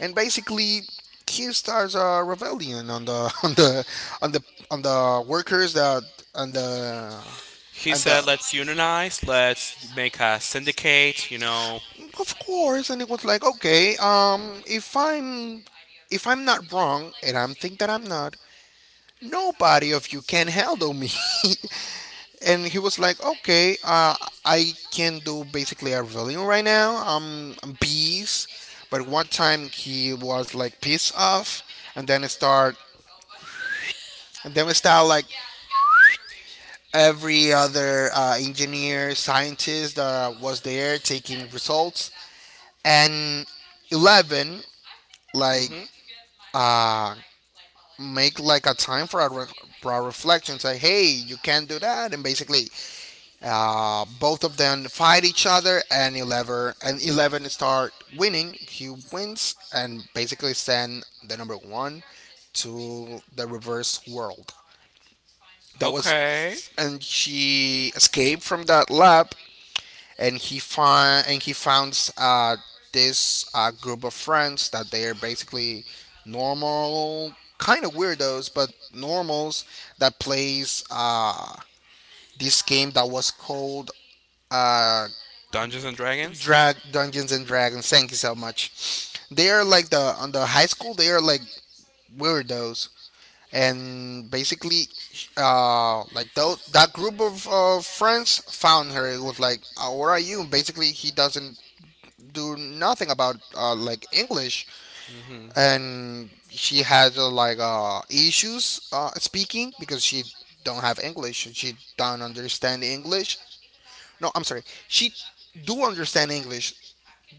[SPEAKER 1] and basically he starts a rebellion on the on the on the workers that and the
[SPEAKER 2] He
[SPEAKER 1] and the
[SPEAKER 2] said, "Let's unionize. Let's make a syndicate. You know."
[SPEAKER 1] of course, and it was like okay if I'm not wrong and I'm think that I'm not, nobody of you can handle me. And he was like, "Okay, I can do basically a volume right now. I'm peace." But one time he was like pissed off, and then it start, and then we start like every other engineer, scientist that was there taking results, and 11 like
[SPEAKER 2] hmm
[SPEAKER 1] uh make like a time for our, re- for our reflections. Like, hey, you can't do that, and basically uh, both of them fight each other, and Eleven start winning. He wins and basically send the number one to the reverse world. That was,
[SPEAKER 2] Okay.
[SPEAKER 1] and she escaped from that lab, and he find and he found this group of friends that they are basically normal, kind of weirdos, but normals that plays this game that was called uh,
[SPEAKER 2] Dungeons and Dragons.
[SPEAKER 1] Drag Dungeons and Dragons. Thank you so much. They are like the on the high school. They are like weirdos, and basically, like tho- that group of friends found her. It was like, "What are you?" Basically, he doesn't do nothing about like English,
[SPEAKER 2] hmm
[SPEAKER 1] and she has like issues speaking because she don't have English. She don't understand English. No, I'm sorry. She do understand English.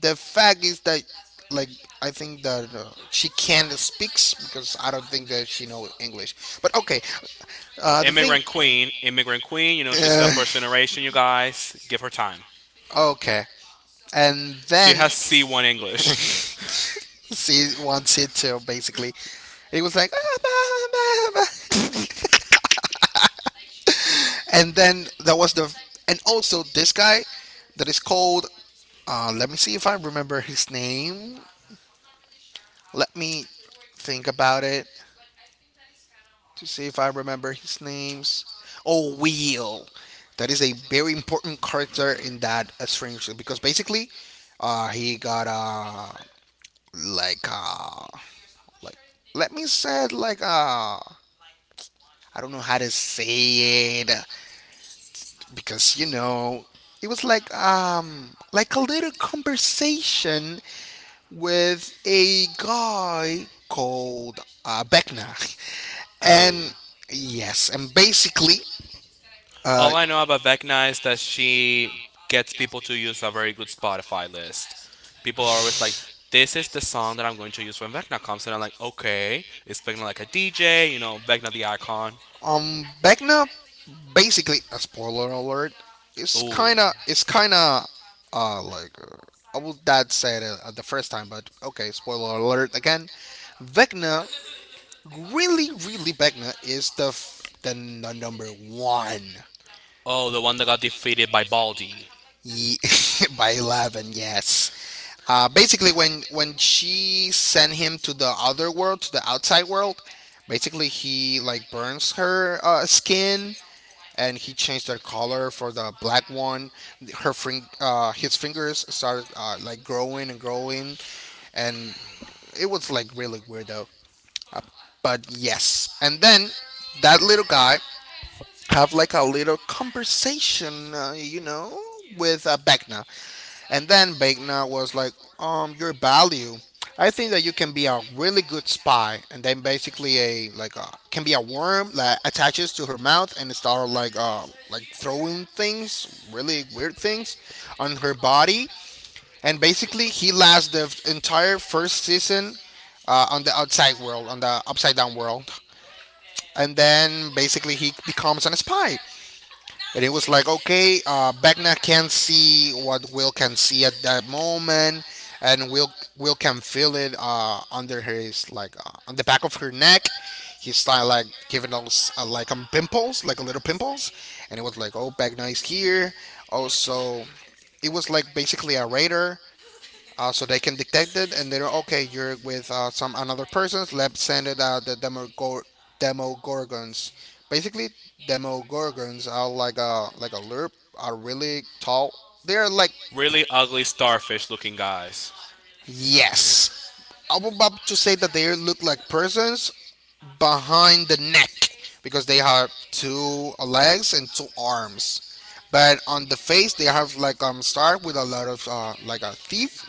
[SPEAKER 1] The fact is that like I think that she can speaks, because I don't think that she know English, but okay. The thing
[SPEAKER 2] Immigrant queen, immigrant queen. You know she's the
[SPEAKER 1] uh,
[SPEAKER 2] first generation. You guys, give her time.
[SPEAKER 1] okay, and
[SPEAKER 2] She
[SPEAKER 1] then
[SPEAKER 2] has C1 English.
[SPEAKER 1] she wants it to basically it was like and then that was the, and also this guy that is called, let me see if I remember his name, let me think about it, to see if I remember his names. Oh, Will. That is a very important character in that Stranger Things, because basically, he got like uh like let me say it like I don't know how to say it, because you know, it was like a little conversation with a guy called Beckner.
[SPEAKER 2] Oh.
[SPEAKER 1] And yes, and basically, uh,
[SPEAKER 2] All I know about Vecna is that she gets people to use a very good Spotify list. People are always like, this is the song that I'm going to use when Vecna comes. And I'm like, okay. Is Vecna like a DJ? You know, Vecna the icon.
[SPEAKER 1] Vecna, basically a spoiler alert. It's
[SPEAKER 2] Ooh.
[SPEAKER 1] kinda, it's kinda, uh, like uh, I was that said it the first time, but okay, spoiler alert again. Vecna, really, really, Vecna is the f- the, n- the number one.
[SPEAKER 2] Oh, the one that got defeated by Baldi.
[SPEAKER 1] Ye- by 11 yes. Basically, when she sent him to the other world, to the outside world, basically he like burns her skin, and he changed their color for the black one. Her fing- his fingers started like growing and growing, and it was like really weird though. But yes, and then that little guy have like a little conversation, you know, with Vecna. And then Vecna was like, your value. I think that you can be a really good spy, and then basically a like a can be a worm that attaches to her mouth and start like throwing things, really weird things, on her body. And basically, he lasts the f- entire first season on the outside world, on the upside down world, and then basically he becomes a spy, and it was like okay Beckner can see what Will can see at that moment, and Will can feel it under his like on the back of her neck. He started like giving us pimples, like little pimples, and it was like oh Beckner is here. Also, it was like basically a radar, so they can detect it and they know okay you're with some another persons, let's send it the demogor- demogorgons. Basically demogorgons are like a lerp, are really tall, they're like,
[SPEAKER 2] Really ugly starfish looking guys. Yeah.
[SPEAKER 1] yes. I'm about to say that they look like persons behind the neck, because they have two legs and two arms, but on the face they have like start with a lot of like a thief,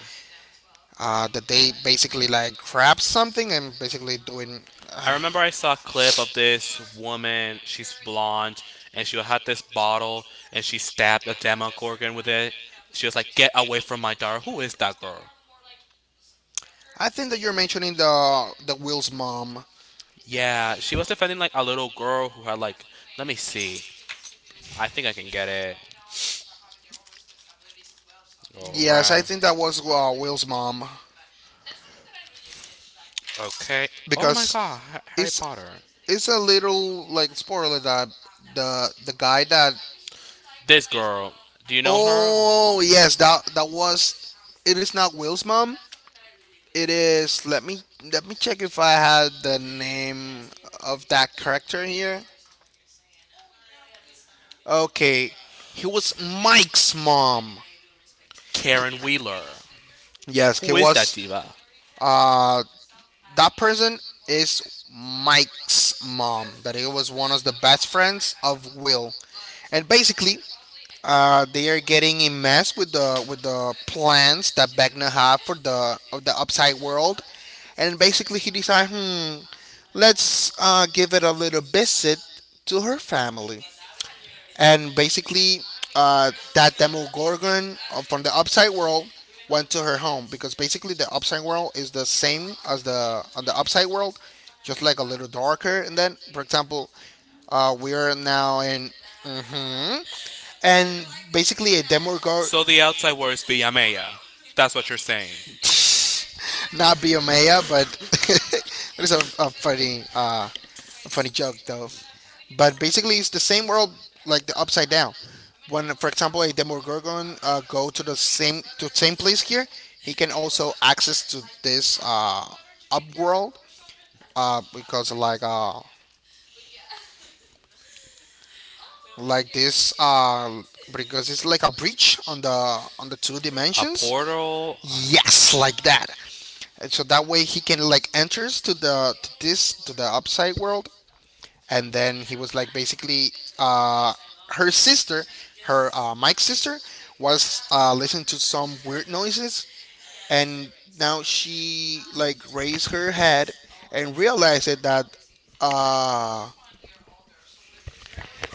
[SPEAKER 1] that they basically like grab something and basically doing.
[SPEAKER 2] I remember I saw a clip of this woman. She's blonde, and she had this bottle, and she stabbed a Demogorgon with it. She was like, "Get away from my daughter! Who is that girl?"
[SPEAKER 1] I think that you're mentioning the Will's mom.
[SPEAKER 2] Yeah, she was defending like a little girl who had, like, let me see. I think I can get it. All
[SPEAKER 1] Yes, I think
[SPEAKER 2] right.
[SPEAKER 1] that was Will's mom,
[SPEAKER 2] Okay. Oh my
[SPEAKER 1] because
[SPEAKER 2] God, Harry
[SPEAKER 1] it's
[SPEAKER 2] Potter.
[SPEAKER 1] it's a little like spoiler that the guy that
[SPEAKER 2] This girl, do you know her?
[SPEAKER 1] oh yes, that that was, it is not Will's mom. It is, let me, let me check if I had the name of that character here. Okay, he was Mike's mom.
[SPEAKER 2] Karen Wheeler.
[SPEAKER 1] Yes, he
[SPEAKER 2] Who is that
[SPEAKER 1] was
[SPEAKER 2] diva?
[SPEAKER 1] uh that person is Mike's mom. That it was one of the best friends of Will, and basically, they are getting in mess with the plans that Vecna have for the of the upside world, and basically he decides, let's give it a little visit to her family, and basically that Demogorgon from the Upside World went to her home because basically the Upside World is the same as the on the Upside World, just like a little darker. And then, for example, we are now in hmm and basically a Demogorgon,
[SPEAKER 2] So the outside word is Villamella. That's what you're saying.
[SPEAKER 1] not Biomea, but it is a funny joke though. But basically, it's the same world, like the upside down. When, for example, a Demogorgon go to the same to same place here, he can also access to this up world, because like this because it's like a breach on the two
[SPEAKER 2] A
[SPEAKER 1] dimensions.
[SPEAKER 2] portal,
[SPEAKER 1] Yes, like that. And so that way he can like enters to the to this to the upside world, and then he was like basically uh, her sister, her Mike's sister, was listening to some weird noises, and now she like raised her head and realized it that uh,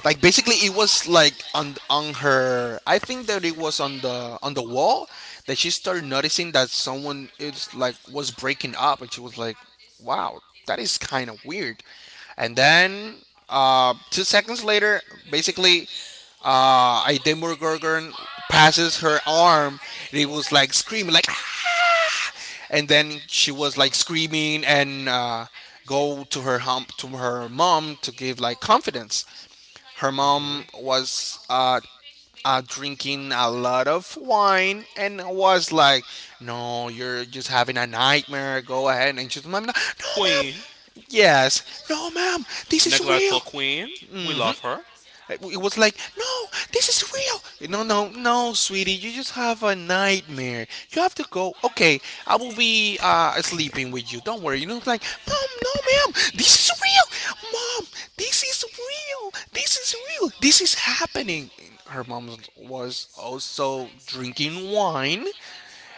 [SPEAKER 1] like basically it was like on her. I think that it was on the wall that she started noticing that someone is like was breaking up, and she was like, wow, that is kind of weird. And then 2 seconds later, basically a demogorgon passes her arm, and it was like screaming like "Ah!" And then she was like screaming and go to her mom to give like confidence. Her mom was drinking a lot of wine and was like, "No, you're just having a nightmare. Go ahead." And she's like, "Mom, no, no,
[SPEAKER 2] queen,
[SPEAKER 1] mom. Yes, no, mom. This is real."
[SPEAKER 2] neglectful queen. We
[SPEAKER 1] hmm
[SPEAKER 2] love her.
[SPEAKER 1] it was like, no, this is real. No, no, no, sweetie, you just have a nightmare. You have to go. Okay, I will be sleeping with you. Don't worry. You know, it's like, mom, no, ma'am, this is real. Mom, this is real. This is real. This is happening. Her mom was also drinking wine,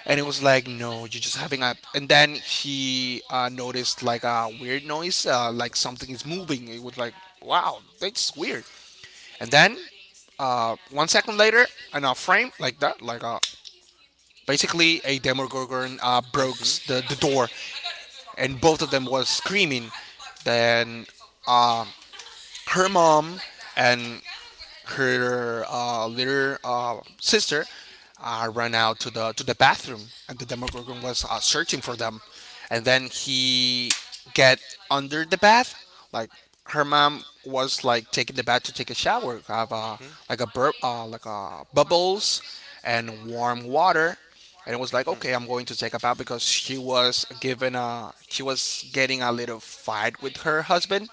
[SPEAKER 1] and it was like, no, you're just having a. And then he noticed like a weird noise, like something is moving. It was like, wow, that's weird. And then 1 second later, in a frame like that, like a basically a Demogorgon broke the door, and both of them was screaming. Then uh, her mom and her little sister ran out to the bathroom, and the Demogorgon was searching for them. And then he get under the bath, like her mom was like taking the bath to take a shower, have like a like a bubbles and warm water, and it was like, okay, I'm going to take a bath, because she was given a she was getting a little fight with her husband,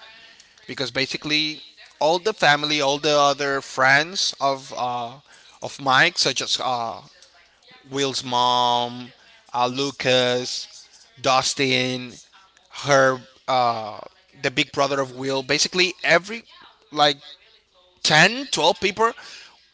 [SPEAKER 1] because basically all the family, all the other friends of Mike, such as Will's mom, Lucas, Dustin, her, uh, the big brother of Will, basically every like 10, 12 people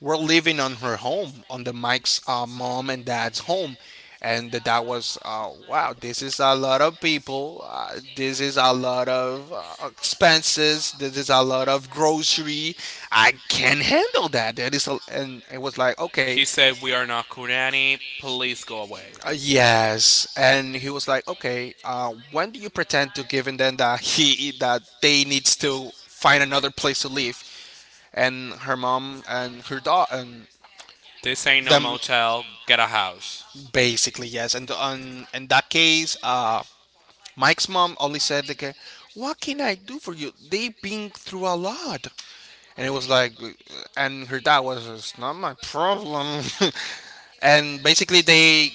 [SPEAKER 1] were living on her home, on the Mike's mom and dad's home. And the dad was, wow, this is a lot of people. This is a lot of expenses. This is a lot of grocery. I can not handle that. That is, a, and it was like, okay,
[SPEAKER 2] He said, We are not Kurani. Please go away.
[SPEAKER 1] yes. And he was like, okay, when do you pretend to giving them that he that they needs to find another place to live? And her mom and her daughter and
[SPEAKER 2] This ain't no
[SPEAKER 1] them
[SPEAKER 2] motel. Get a house.
[SPEAKER 1] basically yes, and on in that case, Mike's mom only said like, "What can I do for you? They've been through a lot," and it was like, and her dad was, "It's not my problem." And basically they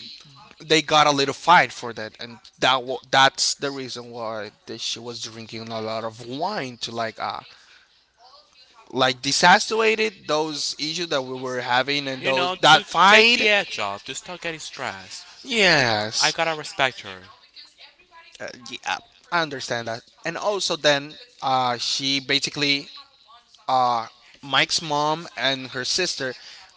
[SPEAKER 1] they got a little fight for that, and that that's the reason why that she was drinking a lot of wine to like disassuaded those issues that we were having and
[SPEAKER 2] You
[SPEAKER 1] those
[SPEAKER 2] know, to
[SPEAKER 1] that
[SPEAKER 2] take the
[SPEAKER 1] fight.
[SPEAKER 2] edge off, to stop getting stressed. I
[SPEAKER 1] Yes.
[SPEAKER 2] gotta respect her.
[SPEAKER 1] Yeah, I understand that. And also, then she basically, uh, Mike's mom and her sister,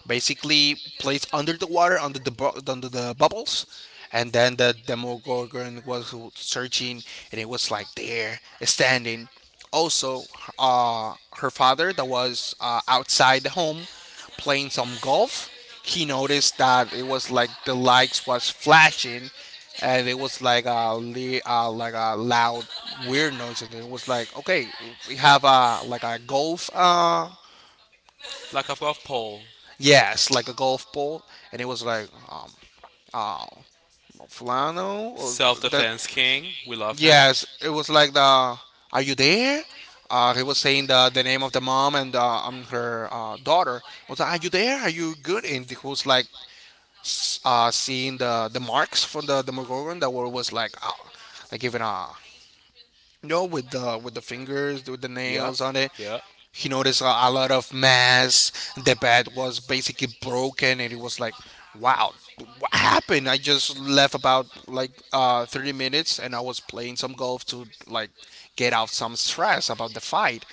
[SPEAKER 1] basically plays under the water under the bubbles, and then the Demogorgon was searching, and it was like there standing. Also, her father that was outside the home playing some golf, he noticed that it was like the lights was flashing, and it was like a like a loud weird noise, and it was like, okay, we have a like a golf
[SPEAKER 2] Like a golf pole.
[SPEAKER 1] yes, like a golf ball, and it was like uh, Fulano or
[SPEAKER 2] Self
[SPEAKER 1] that.
[SPEAKER 2] defense king. We love him.
[SPEAKER 1] Yes, it was like the "Are you there?" He was saying the name of the mom and her daughter was like, "Are you there? Are you good?" And he was like seeing the marks from the McGorgon that were was like even a no, with the fingers, with the
[SPEAKER 2] Yeah.
[SPEAKER 1] nails on it.
[SPEAKER 2] Yeah.
[SPEAKER 1] He noticed a lot of mess. The bed was basically broken, and he was like, "Wow, what happened? I just left about like 30 minutes, and I was playing some golf to like get out some stress about the fight."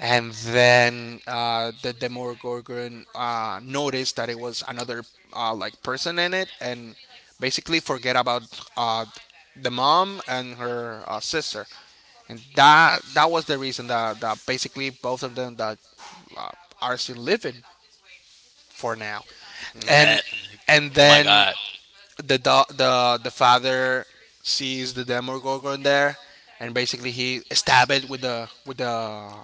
[SPEAKER 1] And then the Demogorgon noticed that it was another like person in it, and basically forget about uh, the mom and her sister, and that that was the reason that, that basically both of them that uh, are still living for now.
[SPEAKER 2] Nah.
[SPEAKER 1] and and
[SPEAKER 2] Oh my
[SPEAKER 1] then
[SPEAKER 2] god.
[SPEAKER 1] the the father sees the demogorgon there, and basically he stab it with the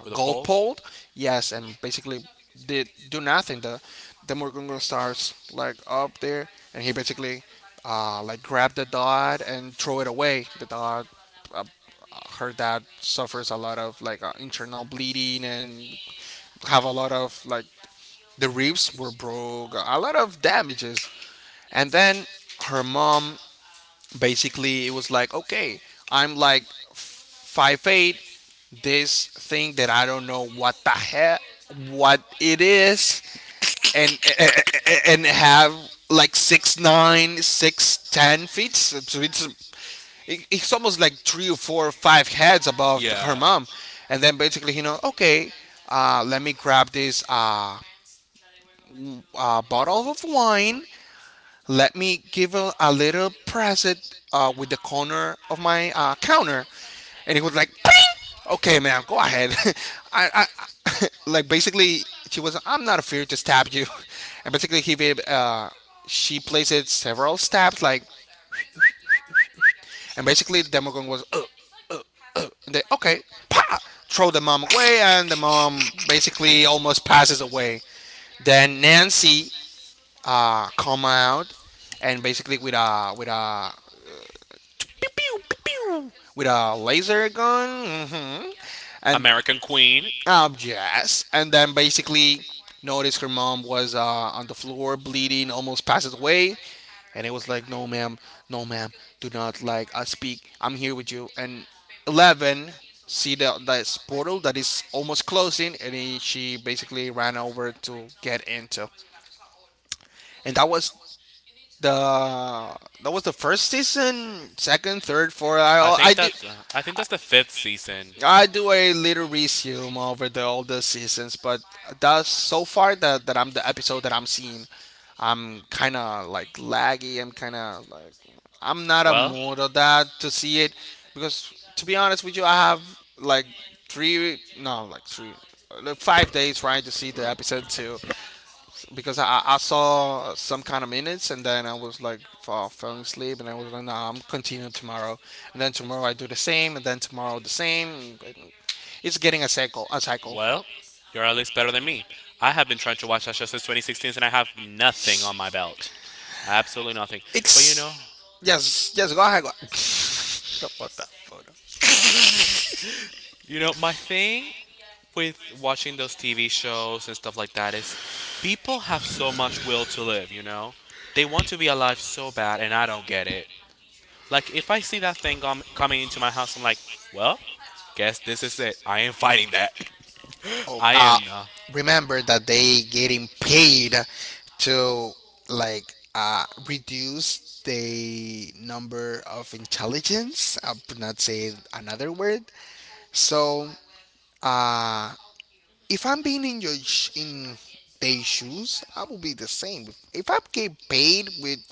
[SPEAKER 2] With a
[SPEAKER 1] golf
[SPEAKER 2] pole?
[SPEAKER 1] pole, yes, and basically did do nothing. The demogorgon starts like up there, and he basically like grabbed the dot and throw it away the dot. uh, Her dad suffers a lot of like internal bleeding and have a lot of like the ribs were broke, a lot of damages. And then her mom basically it was like, okay, I'm like 5'8". This thing that I don't know what the heck what it is, and have like 6'9", 6'10". So it's He's almost like three or four or five heads above her
[SPEAKER 2] Yeah.
[SPEAKER 1] mom, and then basically, you know, okay, let me grab this bottle of wine. Let me give a little present with the corner of my counter, and it was like, "Ping!" Okay, man, go ahead. I, I like basically she was, I'm not afraid to stab you. And basically he gave, she places several stabs, like. And basically, the Demogorgon was, uh, And they, okay, pa! Throw the mom away, and the mom basically almost passes away. Then Nancy come out, and basically with a pew, pew, pew, pew, with a laser gun, hmm and
[SPEAKER 2] American Queen.
[SPEAKER 1] yes. And then basically noticed her mom was on the floor bleeding, almost passes away. And it was like, no, ma'am, no, ma'am, do not like speak. I'm here with you. And Eleven see the this portal that is almost closing, and he, she basically ran over to get into. And the that was the first season, second, third, fourth. I did
[SPEAKER 2] I think that's the fifth season.
[SPEAKER 1] I do a little resume over the all the seasons, but that's so far that that I'm the episode that I'm seeing. I'm kind of like laggy. I'm kind of like I'm not a
[SPEAKER 2] Well,
[SPEAKER 1] mood of that to see it, because to be honest with you, I have like three no like three like 5 days trying to see the episode two, because I saw some kind of minutes, and then I was like falling asleep, and I was like, nah, I'm continuing tomorrow. And then tomorrow I do the same, and then tomorrow the same. It's getting a cycle.
[SPEAKER 2] well, you're at least better than me. I have been trying to watch that show since 2016, and I have nothing on my belt, absolutely nothing. But you
[SPEAKER 1] It's
[SPEAKER 2] know,
[SPEAKER 1] yes, yes, go ahead, go. Don't put that photo.
[SPEAKER 2] You know, my thing with watching those TV shows and stuff like that is, people have so much will to live, you know? They want to be alive so bad, and I don't get it. Like, if I see that thing coming into my house, I'm like, well, guess this is it. I am fighting that.
[SPEAKER 1] oh
[SPEAKER 2] I
[SPEAKER 1] uh
[SPEAKER 2] am not.
[SPEAKER 1] Remember that they getting paid to like reduce the number of intelligence. I'm not saying another word, so Uh, if I'm being in your sh- in their shoes, I will be the same. If I get paid with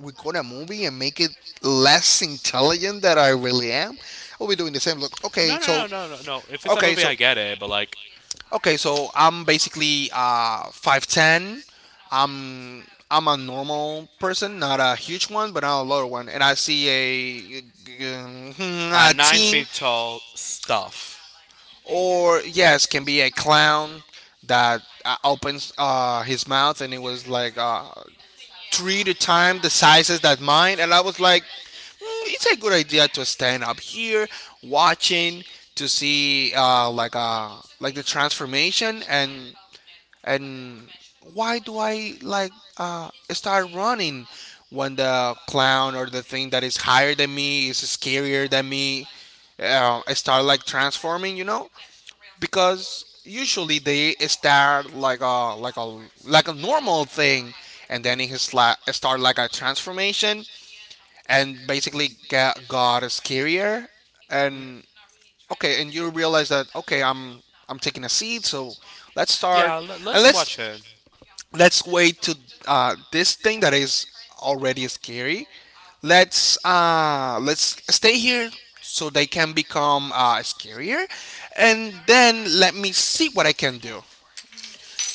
[SPEAKER 1] record a movie and make it less intelligent than I really am, I will be doing the same. Look,
[SPEAKER 2] No,
[SPEAKER 1] okay, so
[SPEAKER 2] no, no, no, no, no. If it's a
[SPEAKER 1] okay,
[SPEAKER 2] movie,
[SPEAKER 1] so
[SPEAKER 2] I get it, but like,
[SPEAKER 1] okay, so I'm basically 5'10". I'm I'm a normal person, not a huge one, but not a lower one. And I see a
[SPEAKER 2] nine
[SPEAKER 1] teen
[SPEAKER 2] feet tall stuff.
[SPEAKER 1] or yes, can be a clown that opens his mouth and it was like three to time the sizes that mine, and I was like, "Mm, it's a good idea to stand up here watching to see like the transformation, and why do I like start running when the clown or the thing that is higher than me is scarier than me. I start like transforming, Because usually they start like a normal thing, and then he start like a transformation and basically got scarier. And okay, and you realize that, okay, I'm taking a seed, so let's start,
[SPEAKER 2] Yeah,
[SPEAKER 1] and
[SPEAKER 2] let's
[SPEAKER 1] let's
[SPEAKER 2] watch it.
[SPEAKER 1] let's wait to this thing that is already scary. Let's stay here so they can become scarier, and then let me see what I can do.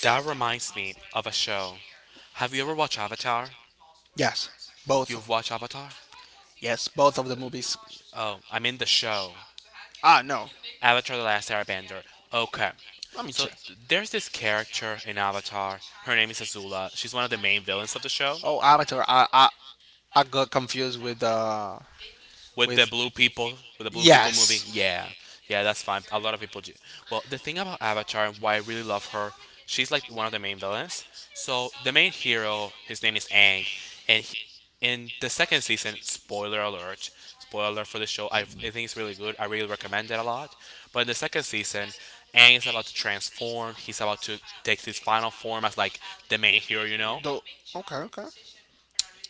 [SPEAKER 2] That reminds me of a show. Have you ever watched Avatar?
[SPEAKER 1] Yes, both.
[SPEAKER 2] You've watched Avatar?
[SPEAKER 1] Yes, both of the movies.
[SPEAKER 2] Oh, I mean the show.
[SPEAKER 1] Ah, no.
[SPEAKER 2] Avatar The Last Airbender. Okay.
[SPEAKER 1] Let me
[SPEAKER 2] So
[SPEAKER 1] check.
[SPEAKER 2] there's this character in Avatar. Her name is Azula. She's one of the main villains of the show.
[SPEAKER 1] Oh, Avatar. I got confused with
[SPEAKER 2] with
[SPEAKER 1] with
[SPEAKER 2] the blue people with the blue people movie,
[SPEAKER 1] yes.
[SPEAKER 2] yeah. Yeah, that's fine, a lot of people do. Well, the thing about Avatar and why I really love her, she's like one of the main villains. So the main hero, his name is Aang, and he, in the second season, spoiler alert, spoiler alert for the show, I think it's really good, I really recommend it a lot. But in the second season, Aang is about to transform. He's about to take his final form as, like, the main hero, you know.
[SPEAKER 1] The, okay, okay.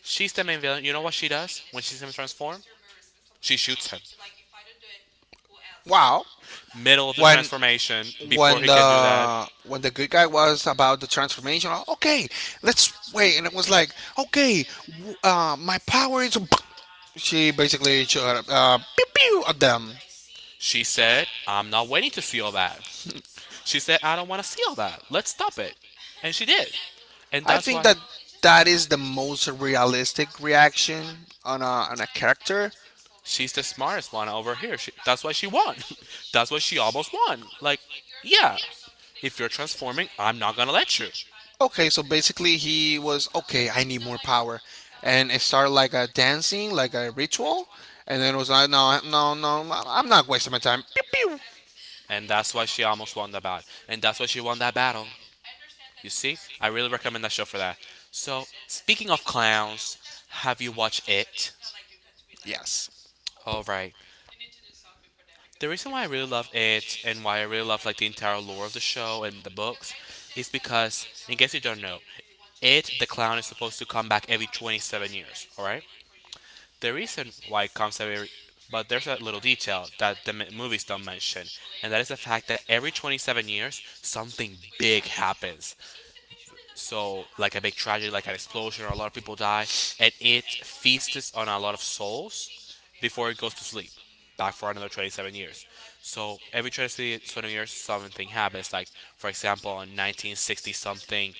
[SPEAKER 2] She's the main villain. You know what she does when she sees him transform? She shoots him
[SPEAKER 1] Wow.
[SPEAKER 2] middle of the
[SPEAKER 1] When,
[SPEAKER 2] transformation, before he can do that.
[SPEAKER 1] when the good guy was about the transformation. Oh, okay, let's wait. And it was like, okay, my power is she basically shot, pew pew at them.
[SPEAKER 2] She said, I'm not waiting to see all that. She said, I don't want to see all that. Let's stop it. And she did. And
[SPEAKER 1] I
[SPEAKER 2] that's
[SPEAKER 1] think
[SPEAKER 2] why
[SPEAKER 1] that, that is the most realistic reaction on on a character.
[SPEAKER 2] she's the smartest one over here. That's why she won. that's why she almost won. Like, yeah, if you're transforming, I'm not going to let you.
[SPEAKER 1] Okay, so basically he was, okay, I need more power, and it started like a dancing, like a ritual. And then it was like, no, no, no, I'm not wasting my time. Pew pew.
[SPEAKER 2] And that's why she almost won the battle. And that's why she won that battle. You see? I really recommend that show for that. So, speaking of clowns, have you watched it?
[SPEAKER 1] Yes,
[SPEAKER 2] All right. The reason why I really love it and why I really love like the entire lore of the show and the books is because, in case you don't know, it the clown is supposed to come back every 27 years. All right. The reason why it comes every but there's a little detail that the movies don't mention, and that is the fact that every 27 years something big happens. So, like a big tragedy, like an explosion, or a lot of people die, and it feasts on a lot of souls before it goes to sleep, back for another 27 years. So, every 27 years, something happens. Like, for example, in 1960 something,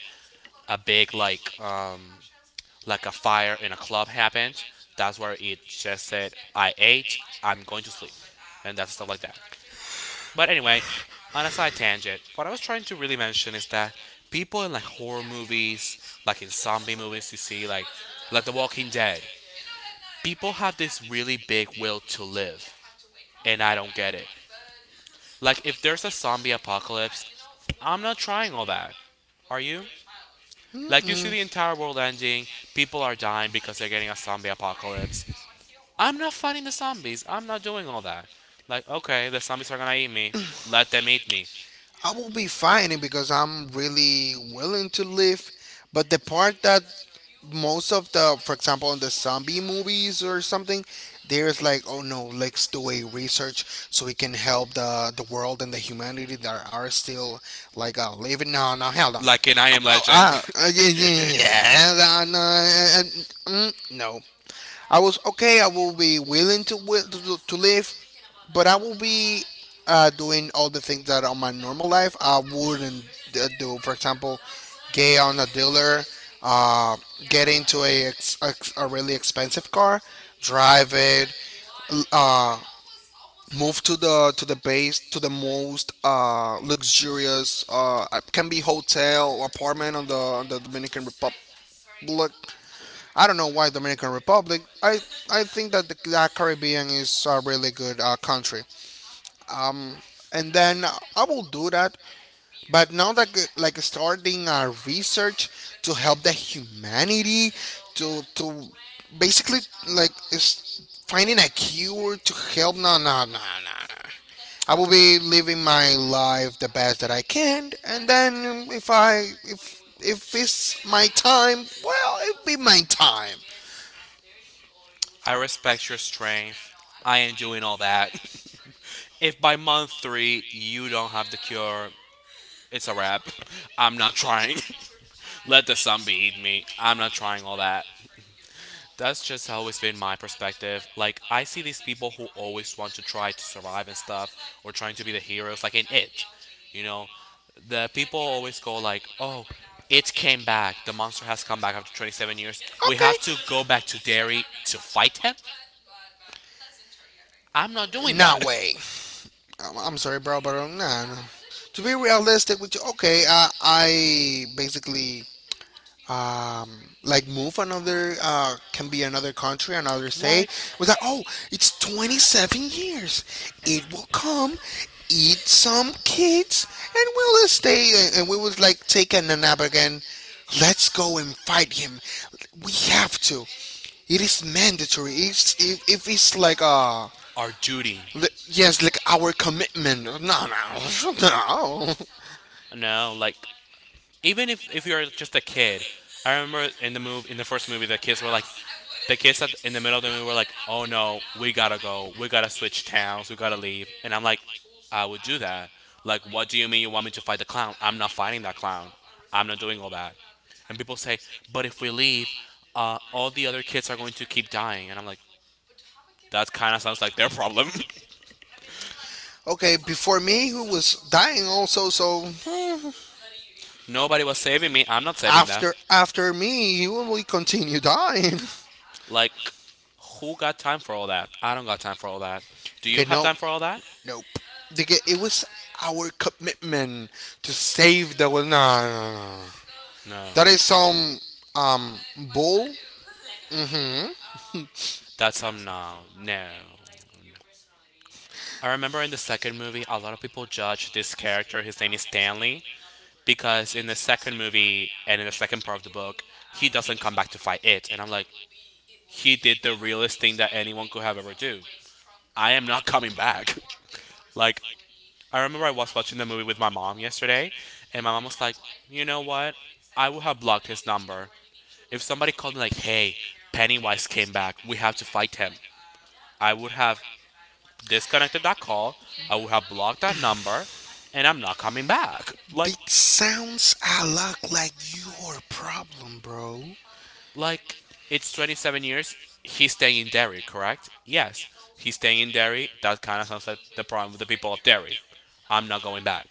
[SPEAKER 2] a big, like a fire in a club happened. That's where it just said, I ate, I'm going to sleep. And that's stuff like that. But anyway, on a side tangent, what I was trying to really mention is that people in like horror movies, like in zombie movies, you see, like The Walking Dead, people have this really big will to live, and I don't get it. Like if there's a zombie apocalypse, I'm not trying all that. Are you? Like you see the entire world ending, people are dying because they're getting a zombie apocalypse. I'm not fighting the zombies. I'm not doing all that. Like okay, the zombies are gonna eat me. Let them eat me.
[SPEAKER 1] I will be fine because I'm really willing to live. But the part that, most of the, for example, in the zombie movies or something, there's like, oh no, let's do a research so we can help the world and the humanity that are still like living. No, no, hell no.
[SPEAKER 2] Like in I Am
[SPEAKER 1] Oh,
[SPEAKER 2] Legend.
[SPEAKER 1] ah, yeah, yeah, yeah, uh, no, uh, uh, mm, no. I was okay. I will be willing to to live, but I will be doing all the things that on my normal life I wouldn't do. For example, get on a dealer, uh, get into a really expensive car, drive it, l- uh, move to the base to the most luxurious, can be hotel apartment on the Dominican Republic. I don't know why Dominican Republic. I think that that Caribbean is a really good country, um, and then I will do that. But now that like starting research to help the humanity, to basically, like is finding a cure to help. No, no, no, no, no. I will be living my life the best that I can, and then if I if it's my time, well, it'll be my time.
[SPEAKER 2] I respect your strength. I am doing all that. If by month three you don't have the cure, it's a wrap. I'm not trying. Let the zombie eat me. I'm not trying all that. That's just always been my perspective. Like I see these people who always want to try to survive and stuff, or trying to be the heroes, like in it. You know, the people always go like, "Oh, it came back. The monster has come back after 27 years. We have to
[SPEAKER 1] Okay,
[SPEAKER 2] go back to Derry to fight him." I'm not doing
[SPEAKER 1] not
[SPEAKER 2] that.
[SPEAKER 1] way. I'm sorry, bro, but nah, no. To be realistic with you, okay, I basically, like move another, can be another country, another state.
[SPEAKER 2] like
[SPEAKER 1] Was like, oh, it's 27 years. It will come, eat some kids, and we'll stay. And we was like taking a nap again. Let's go and fight him. We have to. It is mandatory. It's, if it's like uh.
[SPEAKER 2] our duty.
[SPEAKER 1] Yes, like our commitment. No, no, no.
[SPEAKER 2] No, like even if you're just a kid, I remember in the movie in the first movie the kids were like, the kids at, in the middle of the movie were like, "Oh no, we gotta go, we gotta switch towns, we gotta leave," and I'm like, "I would do that. Like, what do you mean you want me to fight the clown? I'm not fighting that clown. I'm not doing all that." And people say, "But if we leave, all the other kids are going to keep dying," and I'm like, "That kind of sounds like their problem.
[SPEAKER 1] Okay, before me, who was dying also. So hmm,
[SPEAKER 2] Nobody was saving me. I'm not saving them."
[SPEAKER 1] after me, he will continue dying.
[SPEAKER 2] Like, who got time for all that? I don't got time for all that. Do
[SPEAKER 1] Okay,
[SPEAKER 2] you have
[SPEAKER 1] no,
[SPEAKER 2] time for all that?
[SPEAKER 1] nope. Okay, it was our commitment to save the world. No, no, no, no.
[SPEAKER 2] No.
[SPEAKER 1] That is some, um bull. Hmm?
[SPEAKER 2] That's no, no. I remember in the second movie, a lot of people judge this character. His name is Stanley because in the second movie and in the second part of the book, he doesn't come back to fight it, and I'm like, he did the realest thing that anyone could have ever do. I am not coming back. Like I remember I was watching the movie with my mom yesterday, and my mom was like, "You know what? I would have blocked his number. If somebody called me like, 'Hey, Pennywise came back. We have to fight him." I would have disconnected that call. I would have blocked that number, and I'm not coming back. Like
[SPEAKER 1] It sounds a lot like your problem, bro.
[SPEAKER 2] like it's 27 years. He's staying in Derry, correct? Yes. He's staying in Derry. That kind of sounds like the problem with the people of Derry. I'm not going back.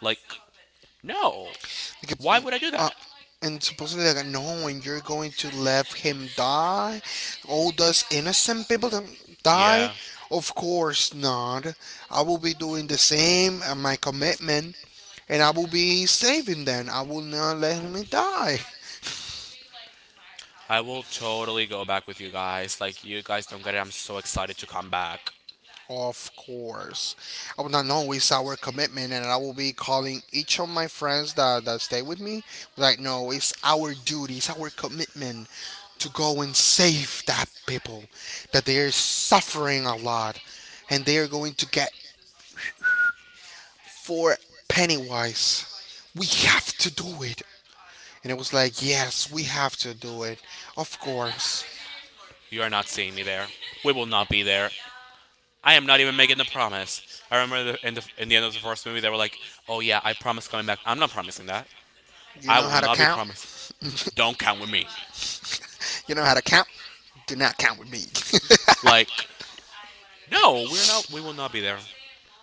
[SPEAKER 2] Like, no.
[SPEAKER 1] Like,
[SPEAKER 2] Why would I do
[SPEAKER 1] uh,
[SPEAKER 2] that?
[SPEAKER 1] and supposedly like, no, and you're going to let him die? All those innocent people to die?
[SPEAKER 2] Yeah.
[SPEAKER 1] Of course not. I will be doing the same, and my commitment, and I will be saving them. I will not let him die.
[SPEAKER 2] I will totally go back with you guys. Like, you guys don't get it. I'm so excited to come back.
[SPEAKER 1] Of course. I will not know it's our commitment, and I will be calling each of my friends that stay with me. Like, no, it's our duty, it's our commitment to go and save that people that they are suffering a lot, and they are going to get for Pennywise. We have to do it. And it was like, yes, we have to do it. Of course.
[SPEAKER 2] You are not seeing me there. We will not be there. I am not even making the promise. I remember in the end of the first movie, they were like, oh, yeah, I promise coming back. I'm not promising that.
[SPEAKER 1] You
[SPEAKER 2] I
[SPEAKER 1] know
[SPEAKER 2] will
[SPEAKER 1] how to
[SPEAKER 2] not be
[SPEAKER 1] count?
[SPEAKER 2] promised.
[SPEAKER 1] You
[SPEAKER 2] Don't count with me.
[SPEAKER 1] know how to count? Do not count with me.
[SPEAKER 2] Like, no, we're not. We will not be there.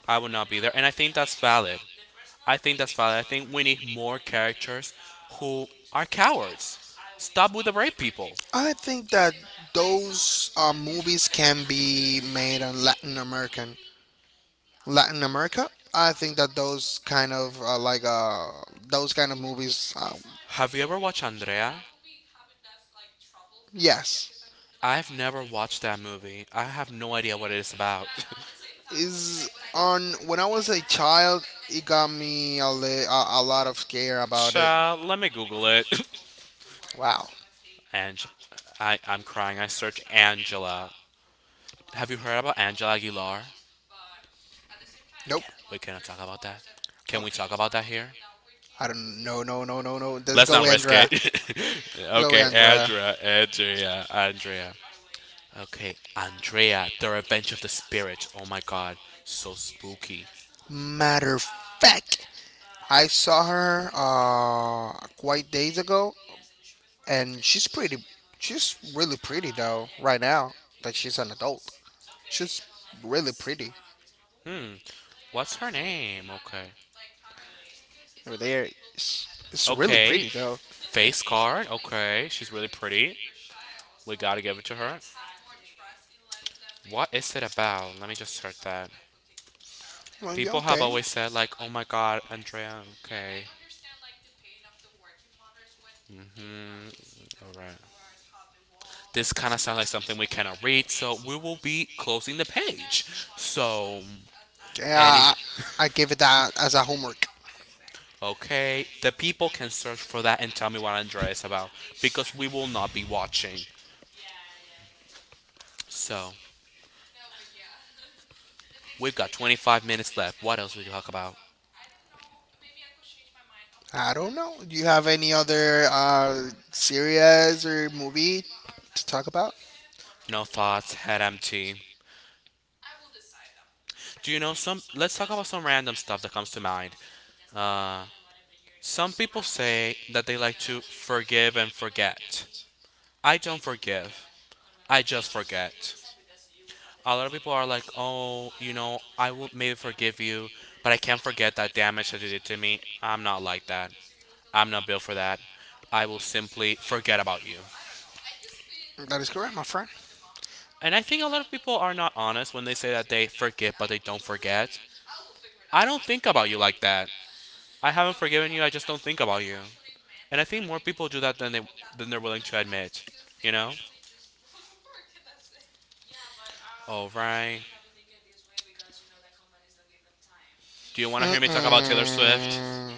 [SPEAKER 2] I would not be there. And I think that's valid. I think that's valid. I think we need more characters who are cowards. Stop with the rape people.
[SPEAKER 1] I think that those movies can be made on Latin American, Latin America. I think that those kind of movies,
[SPEAKER 2] Have you ever watched Andrea?
[SPEAKER 1] yes,
[SPEAKER 2] I've never watched that movie. I have no idea what it is about.
[SPEAKER 1] is on. When I was a child, it got me a lot of scare about it.
[SPEAKER 2] Child, let me Google it.
[SPEAKER 1] Wow.
[SPEAKER 2] And I'm crying. I search Angela. Have you heard about Angela Aguilar? I
[SPEAKER 1] Nope.
[SPEAKER 2] can't, we cannot talk about that. Can we talk
[SPEAKER 1] Okay.
[SPEAKER 2] about that here?
[SPEAKER 1] I don't. No. No. No. No. No. Let's
[SPEAKER 2] Let's
[SPEAKER 1] go,
[SPEAKER 2] not risk
[SPEAKER 1] Andrea.
[SPEAKER 2] it.
[SPEAKER 1] Go,
[SPEAKER 2] okay,
[SPEAKER 1] Andrea.
[SPEAKER 2] Andrea, Andrea, Andrea. Okay, Andrea, The Revenge of the Spirit. Oh my god, so spooky.
[SPEAKER 1] Matter of fact, I saw her quite days ago, and she's pretty. She's really pretty though. Right now that she's an adult, she's really pretty.
[SPEAKER 2] Hmm, what's her name? Okay.
[SPEAKER 1] Over there, it's, it's really
[SPEAKER 2] Okay,
[SPEAKER 1] pretty though.
[SPEAKER 2] face card. Okay, she's really pretty. We gotta give it to her. What is it about? Let me just search that.
[SPEAKER 1] Well, yeah,
[SPEAKER 2] People have
[SPEAKER 1] okay.
[SPEAKER 2] always said, like, oh my god, Andrea, okay. Hmm. Alright. This kind of sounds like something we cannot read, so we will be closing the page. So, any
[SPEAKER 1] Yeah, I give it that as a homework.
[SPEAKER 2] okay, the people can search for that and tell me what Andrea is about because we will not be watching. So, we've got 25 minutes left. What else would you talk about?
[SPEAKER 1] I don't know. Do you have any other series or movie to talk about?
[SPEAKER 2] No thoughts, head empty. Do you know some? Let's talk about some random stuff that comes to mind. Uh, some people say that they like to forgive and forget. I don't forgive, I just forget. A lot of people are like, oh, you know, I will maybe forgive you, but I can't forget that damage that you did to me. I'm not like that. I'm not built for that. I will simply forget about you.
[SPEAKER 1] That is correct, my friend.
[SPEAKER 2] And I think a lot of people are not honest when they say that they forget but they don't forget. I don't think about you like that. I haven't forgiven you, I just don't think about you. And I think more people do that than they than they're willing to admit, you know? All right. Do you want to hear me talk about Taylor Swift?
[SPEAKER 1] Mm-mm.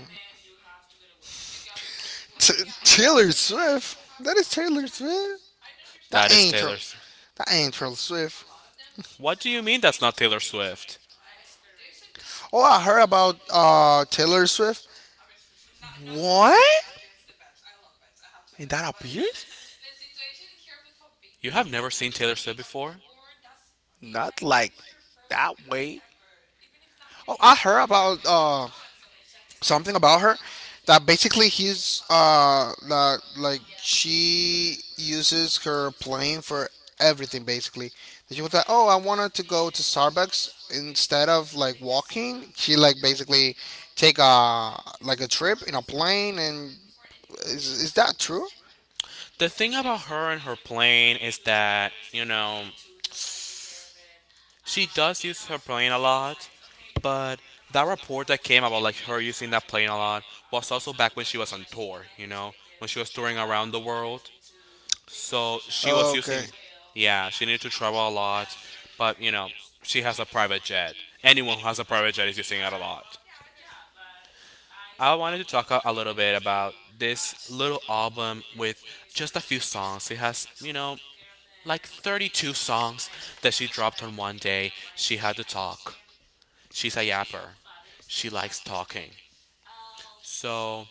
[SPEAKER 1] T- Taylor Swift. That is Taylor Swift. That
[SPEAKER 2] That is
[SPEAKER 1] ain't her.
[SPEAKER 2] Taylor. Sw-
[SPEAKER 1] That ain't Taylor Swift.
[SPEAKER 2] What do you mean that's not Taylor Swift?
[SPEAKER 1] Oh, I heard about Taylor Swift. What? What? Is that a beard?
[SPEAKER 2] You have never seen Taylor Swift before?
[SPEAKER 1] Not like that way. Oh, I heard about something about her, that basically he's that like she uses her plane for everything basically. And she was like, oh, I wanted to go to Starbucks instead of like walking, she like basically take a, like a trip in a plane. And is that true?
[SPEAKER 2] The thing about her and her plane is that, you know, she does use her plane a lot, but that report that came about like her using that plane a lot was also back when she was on tour, you know, when she was touring around the world. So she was
[SPEAKER 1] Okay,
[SPEAKER 2] using, yeah, she needed to travel a lot, but you know, she has a private jet. Anyone who has a private jet is using it a lot. I wanted to talk a little bit about this little album with just a few songs. It has, you know, like 32 songs that she dropped on one day. She had to talk. She's a yapper. She likes talking. So,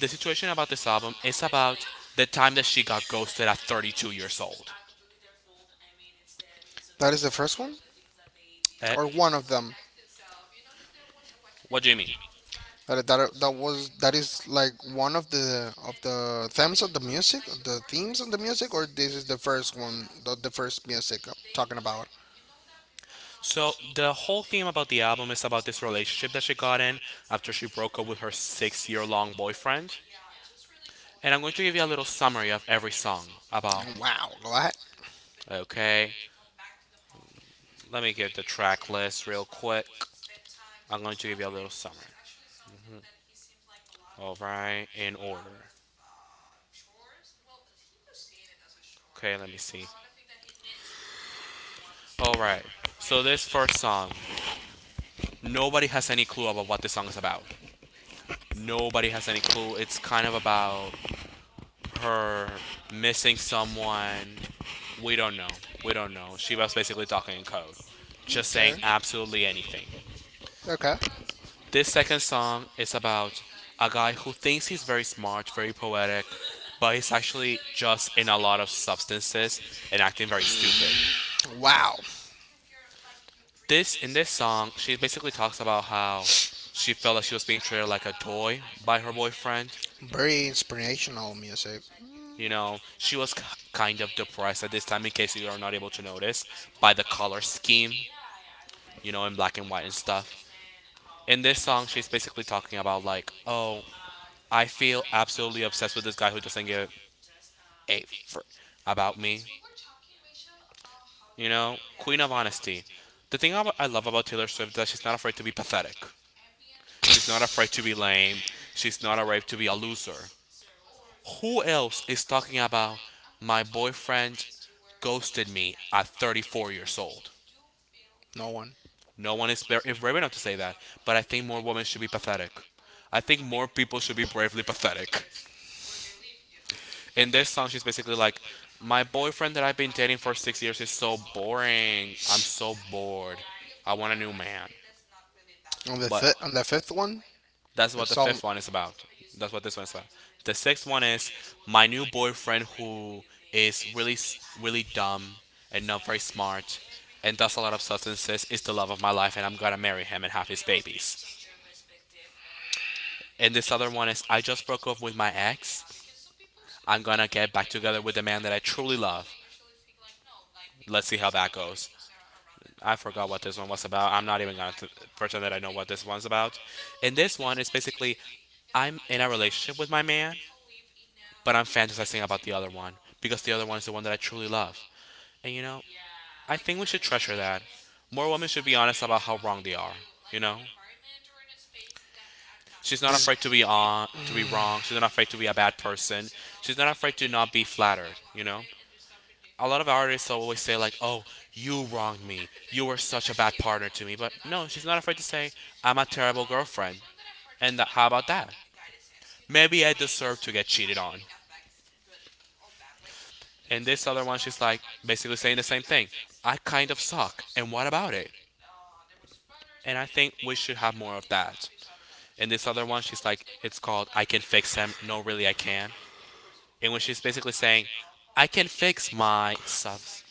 [SPEAKER 2] the situation about this album is about the time that she got ghosted at 32 years old.
[SPEAKER 1] that is the first one,
[SPEAKER 2] Eh?
[SPEAKER 1] or one of them.
[SPEAKER 2] What do you mean?
[SPEAKER 1] But that is like one of the themes of the music, the themes of the music, or this is the first one, the first music I'm talking about.
[SPEAKER 2] So, the whole theme about the album is about this relationship that she got in after she broke up with her 6-year long boyfriend. And I'm going to give you a little summary of every song about.
[SPEAKER 1] Wow, go ahead.
[SPEAKER 2] Okay, let me get the track list real quick. I'm going to give you a little summary. All right, in order. Okay, let me see. All right. So this first song, nobody has any clue about what this song is about. Nobody has any clue. It's kind of about her missing someone. We don't know. We don't know. She was basically talking in code, just saying
[SPEAKER 1] Okay.
[SPEAKER 2] absolutely anything.
[SPEAKER 1] Okay.
[SPEAKER 2] This second song is about a guy who thinks he's very smart, very poetic, but he's actually just in a lot of substances and acting very stupid.
[SPEAKER 1] Wow,
[SPEAKER 2] This in this song, she basically talks about how she felt like she was being treated like a toy by her boyfriend.
[SPEAKER 1] very inspirational music.
[SPEAKER 2] You know, she was kind of depressed at this time, in case you are not able to notice, by the color scheme, you know, in black and white and stuff. In this song, she's basically talking about, like, oh, I feel absolutely obsessed with this guy who doesn't give a fr about me. You know, queen of honesty. The thing I love about Taylor Swift is that she's not afraid to be pathetic. She's not afraid to be lame. She's not afraid to be a loser. Who else is talking about my boyfriend ghosted me at 34 years old?
[SPEAKER 1] No one.
[SPEAKER 2] No one is brave enough to say that, but I think more women should be pathetic. I think more people should be bravely pathetic. In this song, she's basically like, my boyfriend that I've been dating for 6 years is so boring. I'm so bored. I want a new man.
[SPEAKER 1] On
[SPEAKER 2] But
[SPEAKER 1] the fifth one.
[SPEAKER 2] that's
[SPEAKER 1] The
[SPEAKER 2] what the
[SPEAKER 1] song.
[SPEAKER 2] fifth one is about. That's what this one is about. The sixth one is my new boyfriend who is really, really dumb and not very smart and does a lot of substances is the love of my life and I'm gonna marry him and have his babies. And this other one is I just broke up with my ex. I'm gonna get back together with the man that I truly love. Let's see how that goes. I forgot what this one was about. I'm not even gonna pretend that I know what this one's about. And this one is basically I'm in a relationship with my man but I'm fantasizing about the other one because the other one is the one that I truly love. And you know, I think we should treasure that. More women should be honest about how wrong they are, you know? She's not
[SPEAKER 1] This.
[SPEAKER 2] afraid to be on to be wrong. She's not afraid to be a bad person. She's not afraid to not be flattered, you know? A lot of artists always say like, "Oh, you wronged me. You were such a bad partner to me." But no, she's not afraid to say, "I'm a terrible girlfriend." And that, how about that? Maybe I deserve to get cheated on. And this other one, she's like basically saying the same thing. I kind of suck, and what about it? And I think we should have more of that. And this other one, she's like, it's called I Can Fix Him. No, really, I can. And when she's basically saying, I can fix my subs.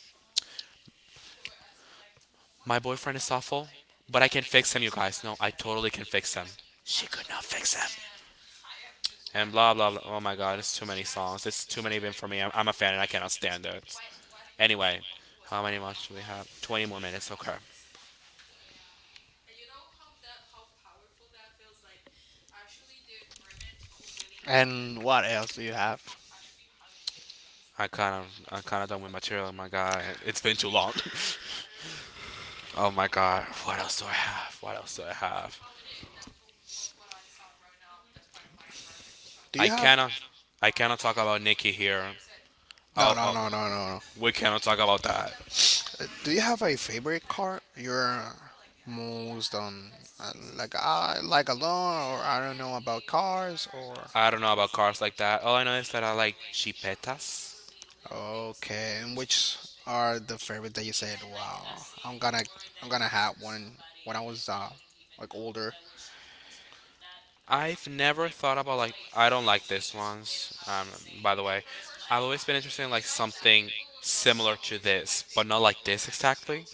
[SPEAKER 2] My boyfriend is awful, but I can fix him, you guys. No, I totally can fix him. She could not fix him. And blah, blah, blah. Oh my god, it's too many songs. It's too many even for me. I'm a fan and I cannot stand it. Anyway, how many months do we have? 20 more minutes, okay.
[SPEAKER 1] And what else do you have?
[SPEAKER 2] I'm kind of done with material, my guy. It's been too long. Oh my god, what else do I have? What else do I have?
[SPEAKER 1] Do you
[SPEAKER 2] I
[SPEAKER 1] have?
[SPEAKER 2] cannot I cannot talk about Nikki here.
[SPEAKER 1] No,
[SPEAKER 2] Oh,
[SPEAKER 1] no,
[SPEAKER 2] oh
[SPEAKER 1] no, no, no, no.
[SPEAKER 2] we cannot talk about that.
[SPEAKER 1] Do you have a favorite car? You're most on, like I like alone, or I don't know about cars, or
[SPEAKER 2] I don't know about cars like that. All I know is that I like chipetas.
[SPEAKER 1] okay. And which are the favorite that you said? Wow, I'm gonna I'm gonna have one when I was like older,
[SPEAKER 2] I've never thought about like I don't like this ones. By the way, I've always been interested in like something similar to this, but not like this exactly.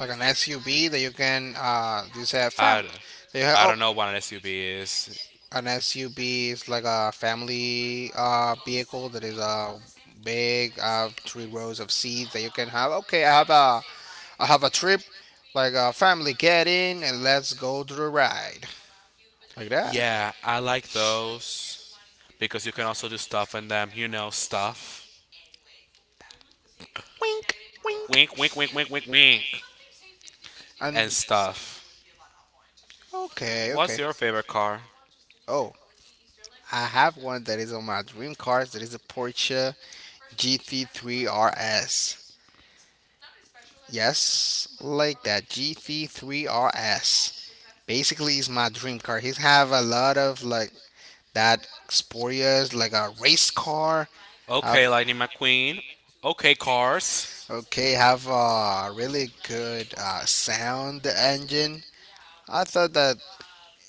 [SPEAKER 1] like an SUV that you can you say fam,
[SPEAKER 2] I,
[SPEAKER 1] that you have,
[SPEAKER 2] I
[SPEAKER 1] oh.
[SPEAKER 2] don't know what an SUV is.
[SPEAKER 1] An SUV is like a family, vehicle that is big, three rows of seats that you can have. Okay, I have a trip, like a family get in and let's go to the ride, like that.
[SPEAKER 2] Yeah, I like those because you can also do stuff in them, you know, stuff.
[SPEAKER 1] Wink, wink.
[SPEAKER 2] Wink, wink, wink, wink, wink, wink,
[SPEAKER 1] And
[SPEAKER 2] and stuff.
[SPEAKER 1] okay,
[SPEAKER 2] What's
[SPEAKER 1] okay.
[SPEAKER 2] your favorite car?
[SPEAKER 1] Oh, I have one that is on my dream cars. That is a Porsche GT3 RS. Yes, like that GT3 RS basically is my dream car. He's have a lot of like that Sporia's, like a race car. Have,
[SPEAKER 2] Okay, Lightning McQueen. Okay, cars.
[SPEAKER 1] okay, have a really good sound engine. I thought that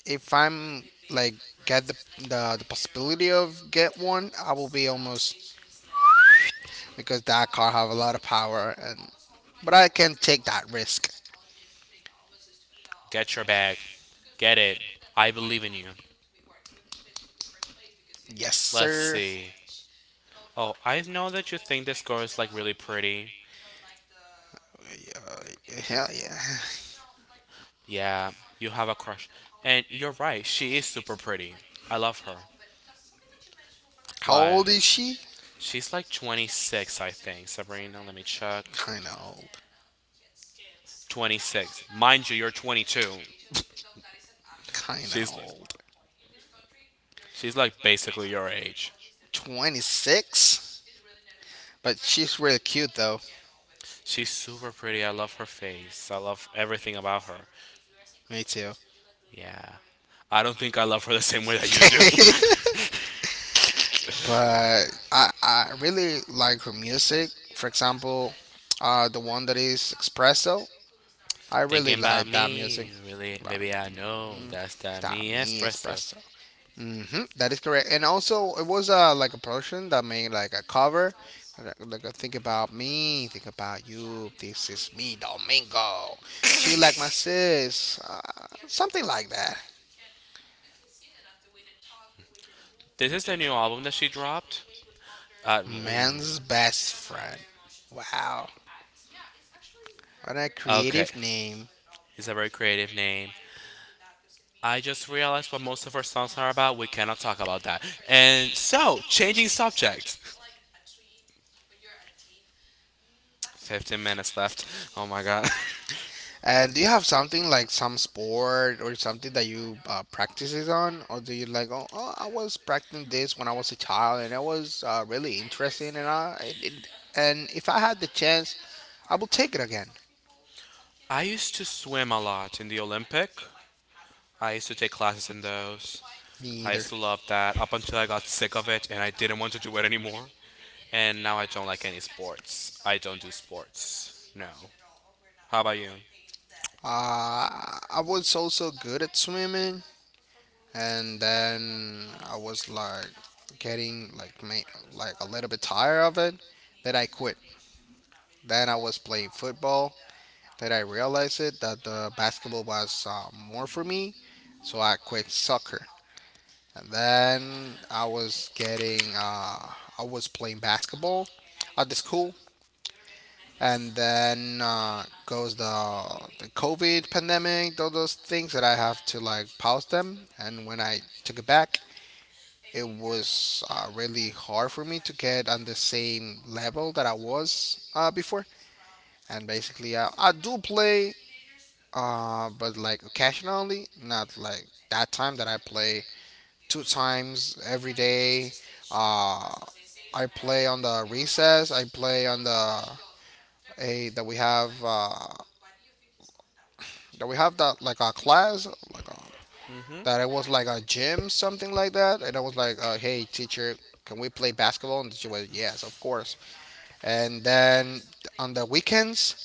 [SPEAKER 1] if I'm like get the possibility of get one, I will be almost because that car have a lot of power, and but I can take that risk.
[SPEAKER 2] Get your bag. Get it. I believe in you.
[SPEAKER 1] Yes,
[SPEAKER 2] Let's
[SPEAKER 1] sir.
[SPEAKER 2] see. Oh, I know that you think this girl is like really pretty.
[SPEAKER 1] Hell yeah.
[SPEAKER 2] Yeah, you have a crush. And you're right, she is super pretty. I love her.
[SPEAKER 1] How
[SPEAKER 2] Why?
[SPEAKER 1] old is she?
[SPEAKER 2] She's like 26, I think, Sabrina. Let me check.
[SPEAKER 1] Kinda old.
[SPEAKER 2] 26. Mind you, you're 22.
[SPEAKER 1] Kinda
[SPEAKER 2] She's
[SPEAKER 1] old.
[SPEAKER 2] like basically your age.
[SPEAKER 1] 26, but she's really cute though.
[SPEAKER 2] She's super pretty. I love her face. I love everything about her.
[SPEAKER 1] Me too.
[SPEAKER 2] Yeah. I don't think I love her the same way that you do.
[SPEAKER 1] But I really like her music. For example, the one that is espresso. I really
[SPEAKER 2] Thinking about
[SPEAKER 1] like that music.
[SPEAKER 2] me, really,
[SPEAKER 1] Right.
[SPEAKER 2] baby, I know that's that
[SPEAKER 1] That
[SPEAKER 2] Mi
[SPEAKER 1] me
[SPEAKER 2] espresso.
[SPEAKER 1] espresso. Mm-hmm, that is correct. And also, it was like a production that made like a cover, like a think about me, think about you. This is me, Domingo. She like my sis, something like that.
[SPEAKER 2] This is the new album that she dropped. Uh,
[SPEAKER 1] Man's
[SPEAKER 2] mm,
[SPEAKER 1] best friend. Wow. What a
[SPEAKER 2] okay,
[SPEAKER 1] creative name.
[SPEAKER 2] it's a very creative name. I just realized what most of her songs are about. We cannot talk about that. And so, changing subjects. 15 minutes left. Oh my god.
[SPEAKER 1] And do you have something like some sport or something that you practices on? Or do you like, oh, oh, I was practicing this when I was a child and it was really interesting, and it, and if I had the chance, I will take it again.
[SPEAKER 2] I used to swim a lot in the Olympic. I used to take classes in those.
[SPEAKER 1] Me
[SPEAKER 2] I
[SPEAKER 1] either.
[SPEAKER 2] used to love that up until I got sick of it and I didn't want to do it anymore. And now I don't like any sports. I don't do sports. No. How about you?
[SPEAKER 1] I was also good at swimming, and then I was like getting like like a little bit tired of it, that I quit. Then I was playing football. Then I realized it that the basketball was more for me, so I quit soccer. And then I was getting, I was playing basketball at the school. And then goes the COVID pandemic, all those things that I have to like pause them. And when I took it back, it was really hard for me to get on the same level that I was before. And basically, I do play. But like occasionally, not like that time that I play 2 times every day. Uh, I play on the recess. I play on the a that we have that we have, that like a class,
[SPEAKER 2] Mm-hmm.
[SPEAKER 1] that it was like a gym, something like that, and I was like, hey teacher, can we play basketball? And she was, yes, of course. And then on the weekends,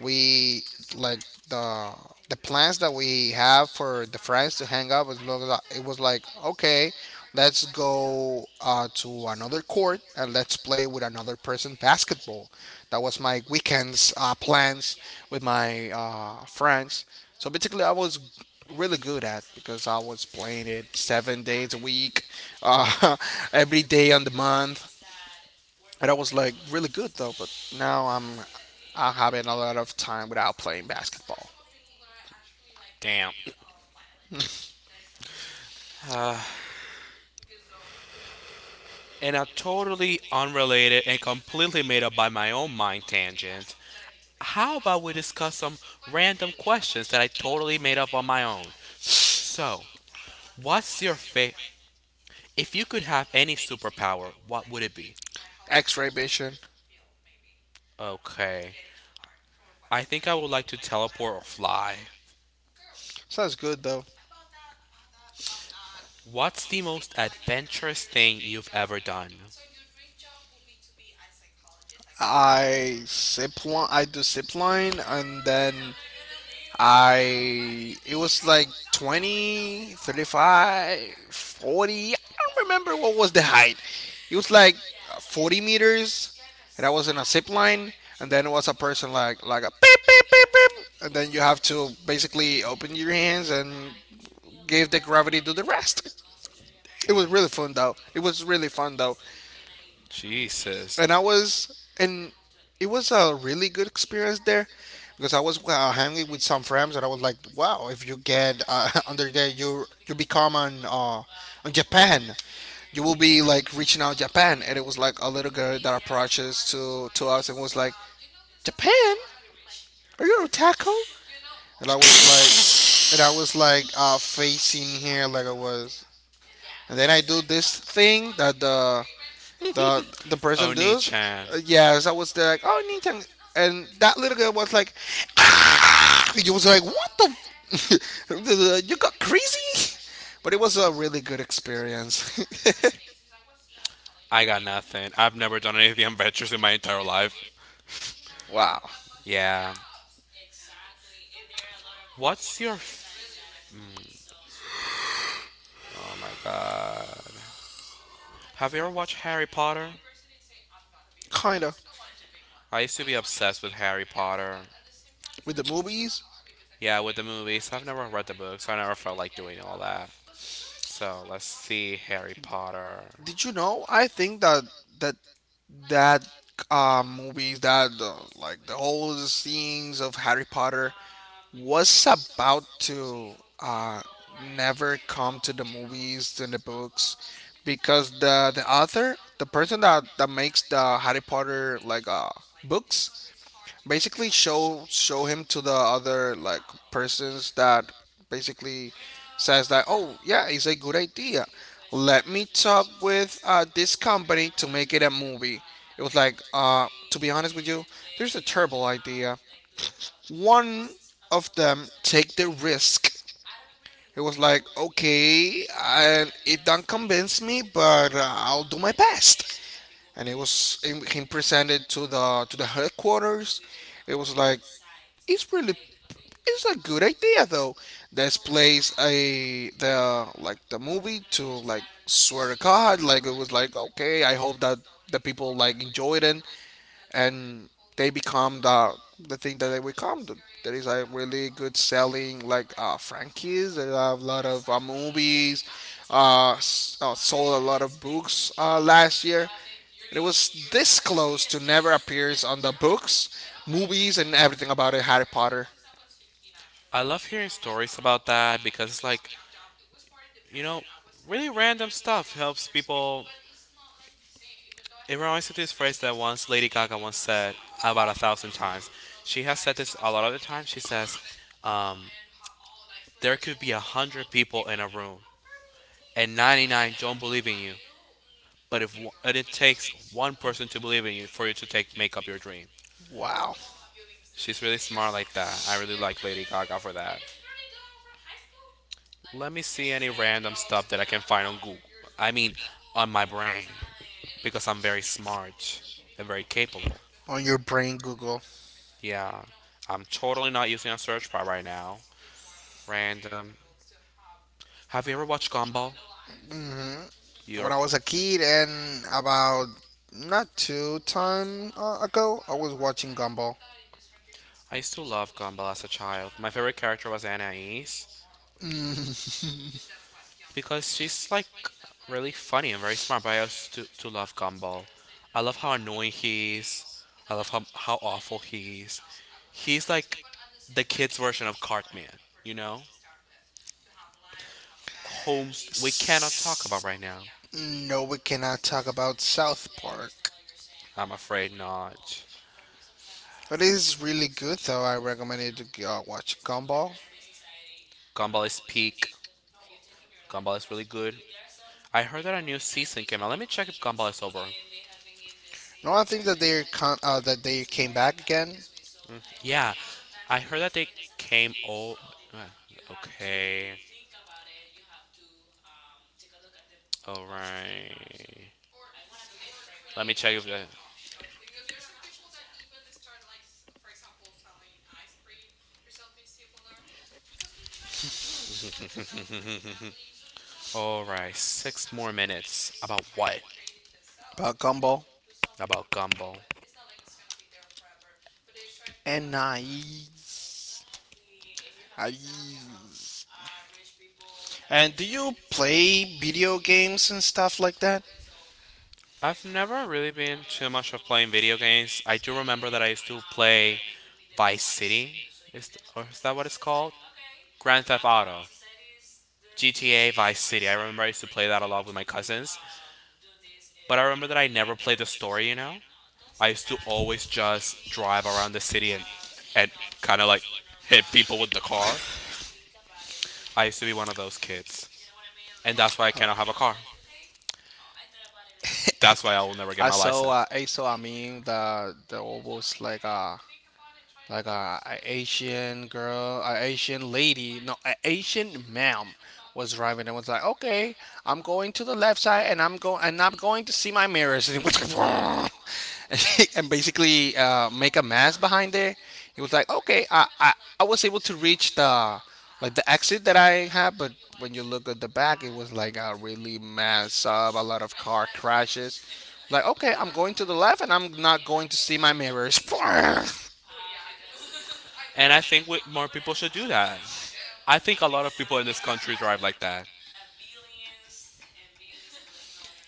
[SPEAKER 1] we like the the plans that we have for the friends to hang out was blah, blah, blah. It was like, okay, let's go to another court and let's play with another person basketball. That was my weekends plans with my friends. So basically I was really good at because I was playing it 7 days a week, uh, every day on the month. And I was like really good though. But now I'm having a lot of time without playing basketball.
[SPEAKER 2] Damn. And a totally unrelated and completely made up by my own mind tangent. How about we discuss some random questions that I totally made up on my own? So, what's your favorite? If you could have any superpower, what would it be?
[SPEAKER 1] X-ray vision
[SPEAKER 2] Okay. I think I would like to teleport or fly.
[SPEAKER 1] sounds good though.
[SPEAKER 2] What's the most adventurous thing you've ever done?
[SPEAKER 1] I zip line, I do zip line, and then I it was like 20, 35, 40. I don't remember what was the height. It was like 40 meters, and I was in a zip line, and then it was a person like a beep beep beep beep, and then you have to basically open your hands and gave the gravity to the rest. It was
[SPEAKER 2] Damn.
[SPEAKER 1] really fun though. It was really fun though,
[SPEAKER 2] Jesus.
[SPEAKER 1] and I was and it was a really good experience there because I was hanging with some friends and I was like, wow, if you get under there, you become on Japan. You will be like reaching out Japan, and it was like a little girl that approaches to us and was like, Japan, are you a taco? And I was like, and I was like facing here like I was. And then I do this thing that the the person
[SPEAKER 2] Oni
[SPEAKER 1] does.
[SPEAKER 2] chan.
[SPEAKER 1] Yes, I was there like, oh, Nintendo, and that little girl was like, ah! You was like, what the, you got crazy, but it was a really good experience.
[SPEAKER 2] I got nothing. I've never done anything adventurous in my entire life.
[SPEAKER 1] Wow.
[SPEAKER 2] Yeah. What's your. F- oh my god. Have you ever watched Harry Potter?
[SPEAKER 1] Kinda.
[SPEAKER 2] I used to be obsessed with Harry Potter.
[SPEAKER 1] With the movies.
[SPEAKER 2] Yeah, with the movies. I've never read the books. I never felt like doing all that. So let's see Harry Potter.
[SPEAKER 1] Did you know? I think that that that movies that like the whole scenes of Harry Potter was about to uh, never come to the movies and the books because the author, the person that makes the Harry Potter like books, basically show him to the other like persons that basically says that, oh yeah, it's a good idea, let me talk with this company to make it a movie. It was like, to be honest with you, there's a terrible idea. One of them take the risk. It was like, okay, and it don't convince me, but I'll do my best. And it was him presented to the headquarters. It was like it's really it's a good idea though. This place, a the like the movie to like, swear to God, like it was like, okay. I hope that the people like enjoy it and and they become the thing that they become. There is a really good selling like franchises. There are a lot of movies. Sold a lot of books last year. It was this close to never appears on the books, movies, and everything about it. Harry Potter.
[SPEAKER 2] I love hearing stories about that because it's like, you know, really random stuff helps people. It reminds me of this phrase that once Lady Gaga once said about 1,000 times. She has said this a lot of the time. She says, um, there could be 100 people in a room and 99 don't believe in you. But if one- and it takes one person to believe in you for you to take make up your dream.
[SPEAKER 1] Wow.
[SPEAKER 2] She's really smart like that. I really like Lady Gaga for that. Let me see any random stuff that I can find on Google. I mean, on my brain. Because I'm very smart and very capable.
[SPEAKER 1] On your brain, Google.
[SPEAKER 2] Yeah, I'm totally not using a search bar right now. Random. Have you ever watched Gumball?
[SPEAKER 1] Hmm. When
[SPEAKER 2] You're.
[SPEAKER 1] I was a kid, and about not two time ago, I was watching Gumball.
[SPEAKER 2] I used to love Gumball as a child. My favorite character was Anna East, because she's like really funny and very smart. But I also to, love Gumball. I love how annoying he is. I love how awful he is. He's like the kids' version of Cartman. You know, Holmes. We cannot talk about right now.
[SPEAKER 1] No, we cannot talk about South Park.
[SPEAKER 2] I'm afraid not.
[SPEAKER 1] It is really good, though. I recommend you to watch Gumball.
[SPEAKER 2] Gumball is peak. Gumball is really good. I heard that a new season came out. Let me check if Gumball is over.
[SPEAKER 1] No, I think that they came back again.
[SPEAKER 2] Yeah, I heard that they came. Oh, okay. Alright. Let me check if the. Alright, six more minutes. About what?
[SPEAKER 1] About Gumball.
[SPEAKER 2] About Gumball.
[SPEAKER 1] And nice. Nice. And do you play video games and stuff like that?
[SPEAKER 2] I've never really been too much of playing video games. I do remember that I used to play Vice City. Is, or is that what it's called? Grand Theft Auto. GTA Vice City. I remember I used to play that a lot with my cousins. But I remember that I never played the story, you know? I used to always just drive around the city and kind of like hit people with the car. I used to be one of those kids, and that's why I cannot have a car. That's why I will never get my license.
[SPEAKER 1] I saw a meme that was like a Asian girl, a Asian lady, no, a Asian ma'am was driving and was like, "Okay, I'm going to the left side and I'm going to see my mirrors." And it like, and basically make a mess behind there. It was like, "Okay, I was able to reach the like the exit that I had, but when you look at the back, it was like a really mess up, a lot of car crashes." Like, okay, I'm going to the left and I'm not going to see my mirrors.
[SPEAKER 2] And I think more people should do that. I think a lot of people in this country drive like that.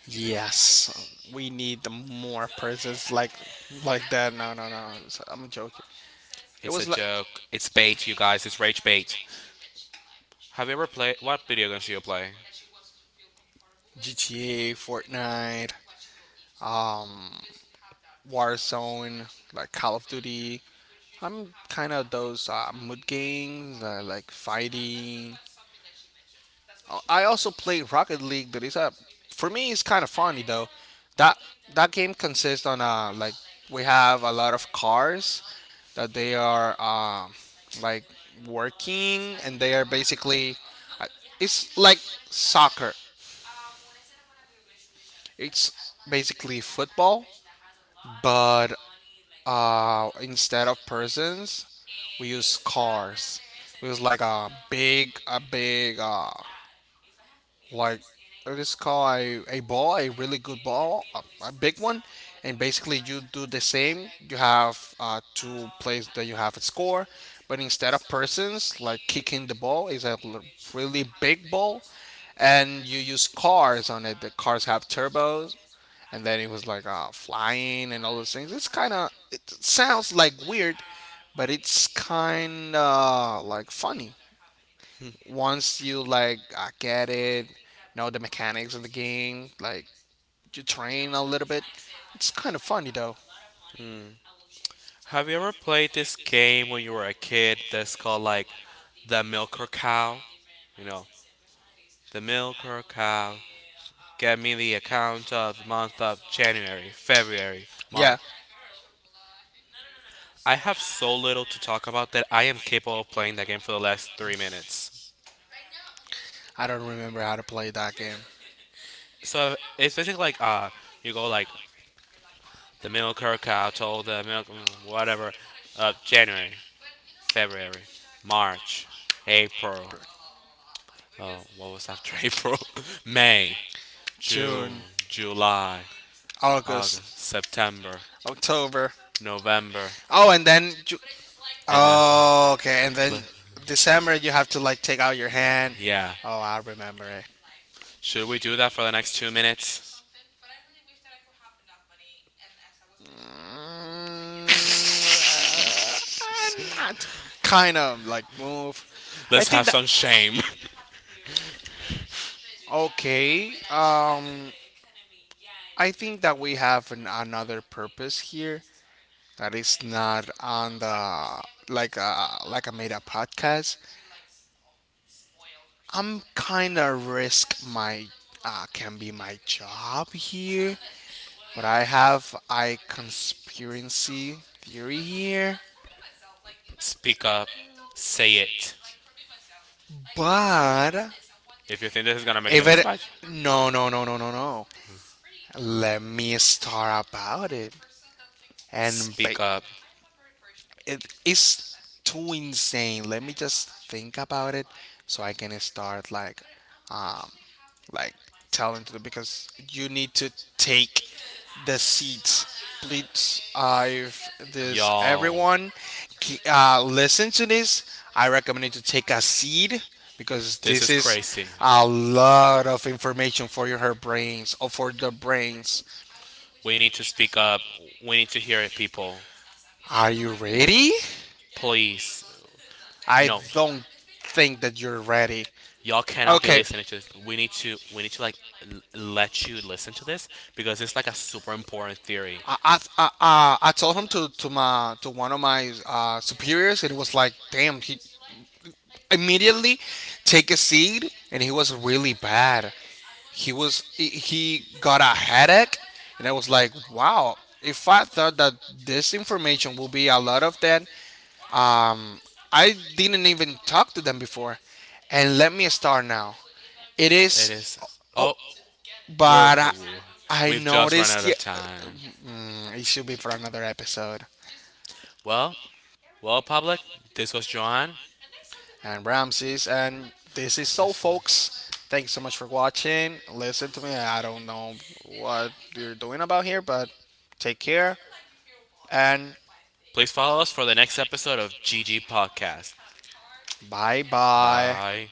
[SPEAKER 1] Yes, we need the more presence like that. No, no, no. I'm joking. It
[SPEAKER 2] It's a
[SPEAKER 1] was like
[SPEAKER 2] joke. It's bait, you guys. It's rage bait. Have you ever played? What video games do you play?
[SPEAKER 1] GTA, Fortnite, um, Warzone, like Call of Duty. I'm kind of those mood games, like fighting. I also played Rocket League, but it's a, for me, it's kind of funny though. That that game consists on like we have a lot of cars that they are like working, and they are basically I- it's like soccer. It's basically football, but instead of persons, we use cars. We use like a big like, I just call a ball, a really good ball, a big one, and basically you do the same. You have two plays that you have a score, but instead of persons like kicking the ball is really big ball, and you use cars on it. The cars have turbos, and then it was like flying and all those things. It's kind of, it sounds like weird, but it's kind of like funny once you like get it, know the mechanics of the game, like you train a little bit. It's kind of funny though.
[SPEAKER 2] Have you ever played this game when you were a kid that's called like the milker cow? You know, the milker cow. Get me the account of the month of January, February,
[SPEAKER 1] Yeah,
[SPEAKER 2] March, I have so little to talk about that I am capable of playing that game for the last 3 minutes.
[SPEAKER 1] I don't remember how to play that game.
[SPEAKER 2] So it's basically like you go like the milk cow, told the milk whatever, January, February, March, April. What was after April? May, June,
[SPEAKER 1] June,
[SPEAKER 2] July,
[SPEAKER 1] August,
[SPEAKER 2] August, September,
[SPEAKER 1] October.
[SPEAKER 2] November,
[SPEAKER 1] Oh, and then you,
[SPEAKER 2] and
[SPEAKER 1] oh, okay, and
[SPEAKER 2] le-
[SPEAKER 1] then December you have to like take out your hand.
[SPEAKER 2] yeah.
[SPEAKER 1] Oh, I remember it.
[SPEAKER 2] Should we do that for the next 2 minutes?
[SPEAKER 1] Mm, uh, not kind of like move. I
[SPEAKER 2] Let's
[SPEAKER 1] think
[SPEAKER 2] have
[SPEAKER 1] that
[SPEAKER 2] some shame.
[SPEAKER 1] okay. I think that we have an, another purpose here that is not on the like a made up podcast. I'm kind of risk my can be my job here, but I have a conspiracy theory here.
[SPEAKER 2] Speak up. Say it.
[SPEAKER 1] But
[SPEAKER 2] If you think this is gonna make me
[SPEAKER 1] if
[SPEAKER 2] look
[SPEAKER 1] it,
[SPEAKER 2] spicy,
[SPEAKER 1] no, no, no, no, no, no, let me start about it and ba-
[SPEAKER 2] speak up.
[SPEAKER 1] it, it's too insane. Let me just think about it so I can start um like telling to them because you need to take the seats. Please, if this
[SPEAKER 2] Y'all,
[SPEAKER 1] everyone listen to this, I recommend you to take a seat because
[SPEAKER 2] this
[SPEAKER 1] this
[SPEAKER 2] is
[SPEAKER 1] is
[SPEAKER 2] crazy.
[SPEAKER 1] a lot of information for your her brains or for the brains.
[SPEAKER 2] We need to speak up. We need to hear it, people.
[SPEAKER 1] Are you ready?
[SPEAKER 2] Please.
[SPEAKER 1] I
[SPEAKER 2] No.
[SPEAKER 1] don't think that you're ready.
[SPEAKER 2] Y'all cannot be
[SPEAKER 1] Okay,
[SPEAKER 2] listening to this. We need to like let you listen to this because it's like a super important theory.
[SPEAKER 1] I told him to my to one of my superiors, and it was like, damn, he immediately take a seat, and he was really bad. He was he got a headache, and I was like, wow. If I thought that this information will be a lot of that, um, I didn't even talk to them before, and let me start now. It
[SPEAKER 2] It
[SPEAKER 1] is,
[SPEAKER 2] is.
[SPEAKER 1] oh,
[SPEAKER 2] Oh, we're
[SPEAKER 1] but I
[SPEAKER 2] we've just run
[SPEAKER 1] noticed.
[SPEAKER 2] out
[SPEAKER 1] He,
[SPEAKER 2] of time.
[SPEAKER 1] mm, it should be for another episode.
[SPEAKER 2] Well, well, public. This was Joanne.
[SPEAKER 1] And Ramses. And this is all,
[SPEAKER 2] This
[SPEAKER 1] folks.
[SPEAKER 2] was.
[SPEAKER 1] Thanks so much for watching. Listen to me. I don't know what you're doing about here, but take care and
[SPEAKER 2] Please follow us for the next episode of GG Podcast.
[SPEAKER 1] bye bye.
[SPEAKER 2] Bye.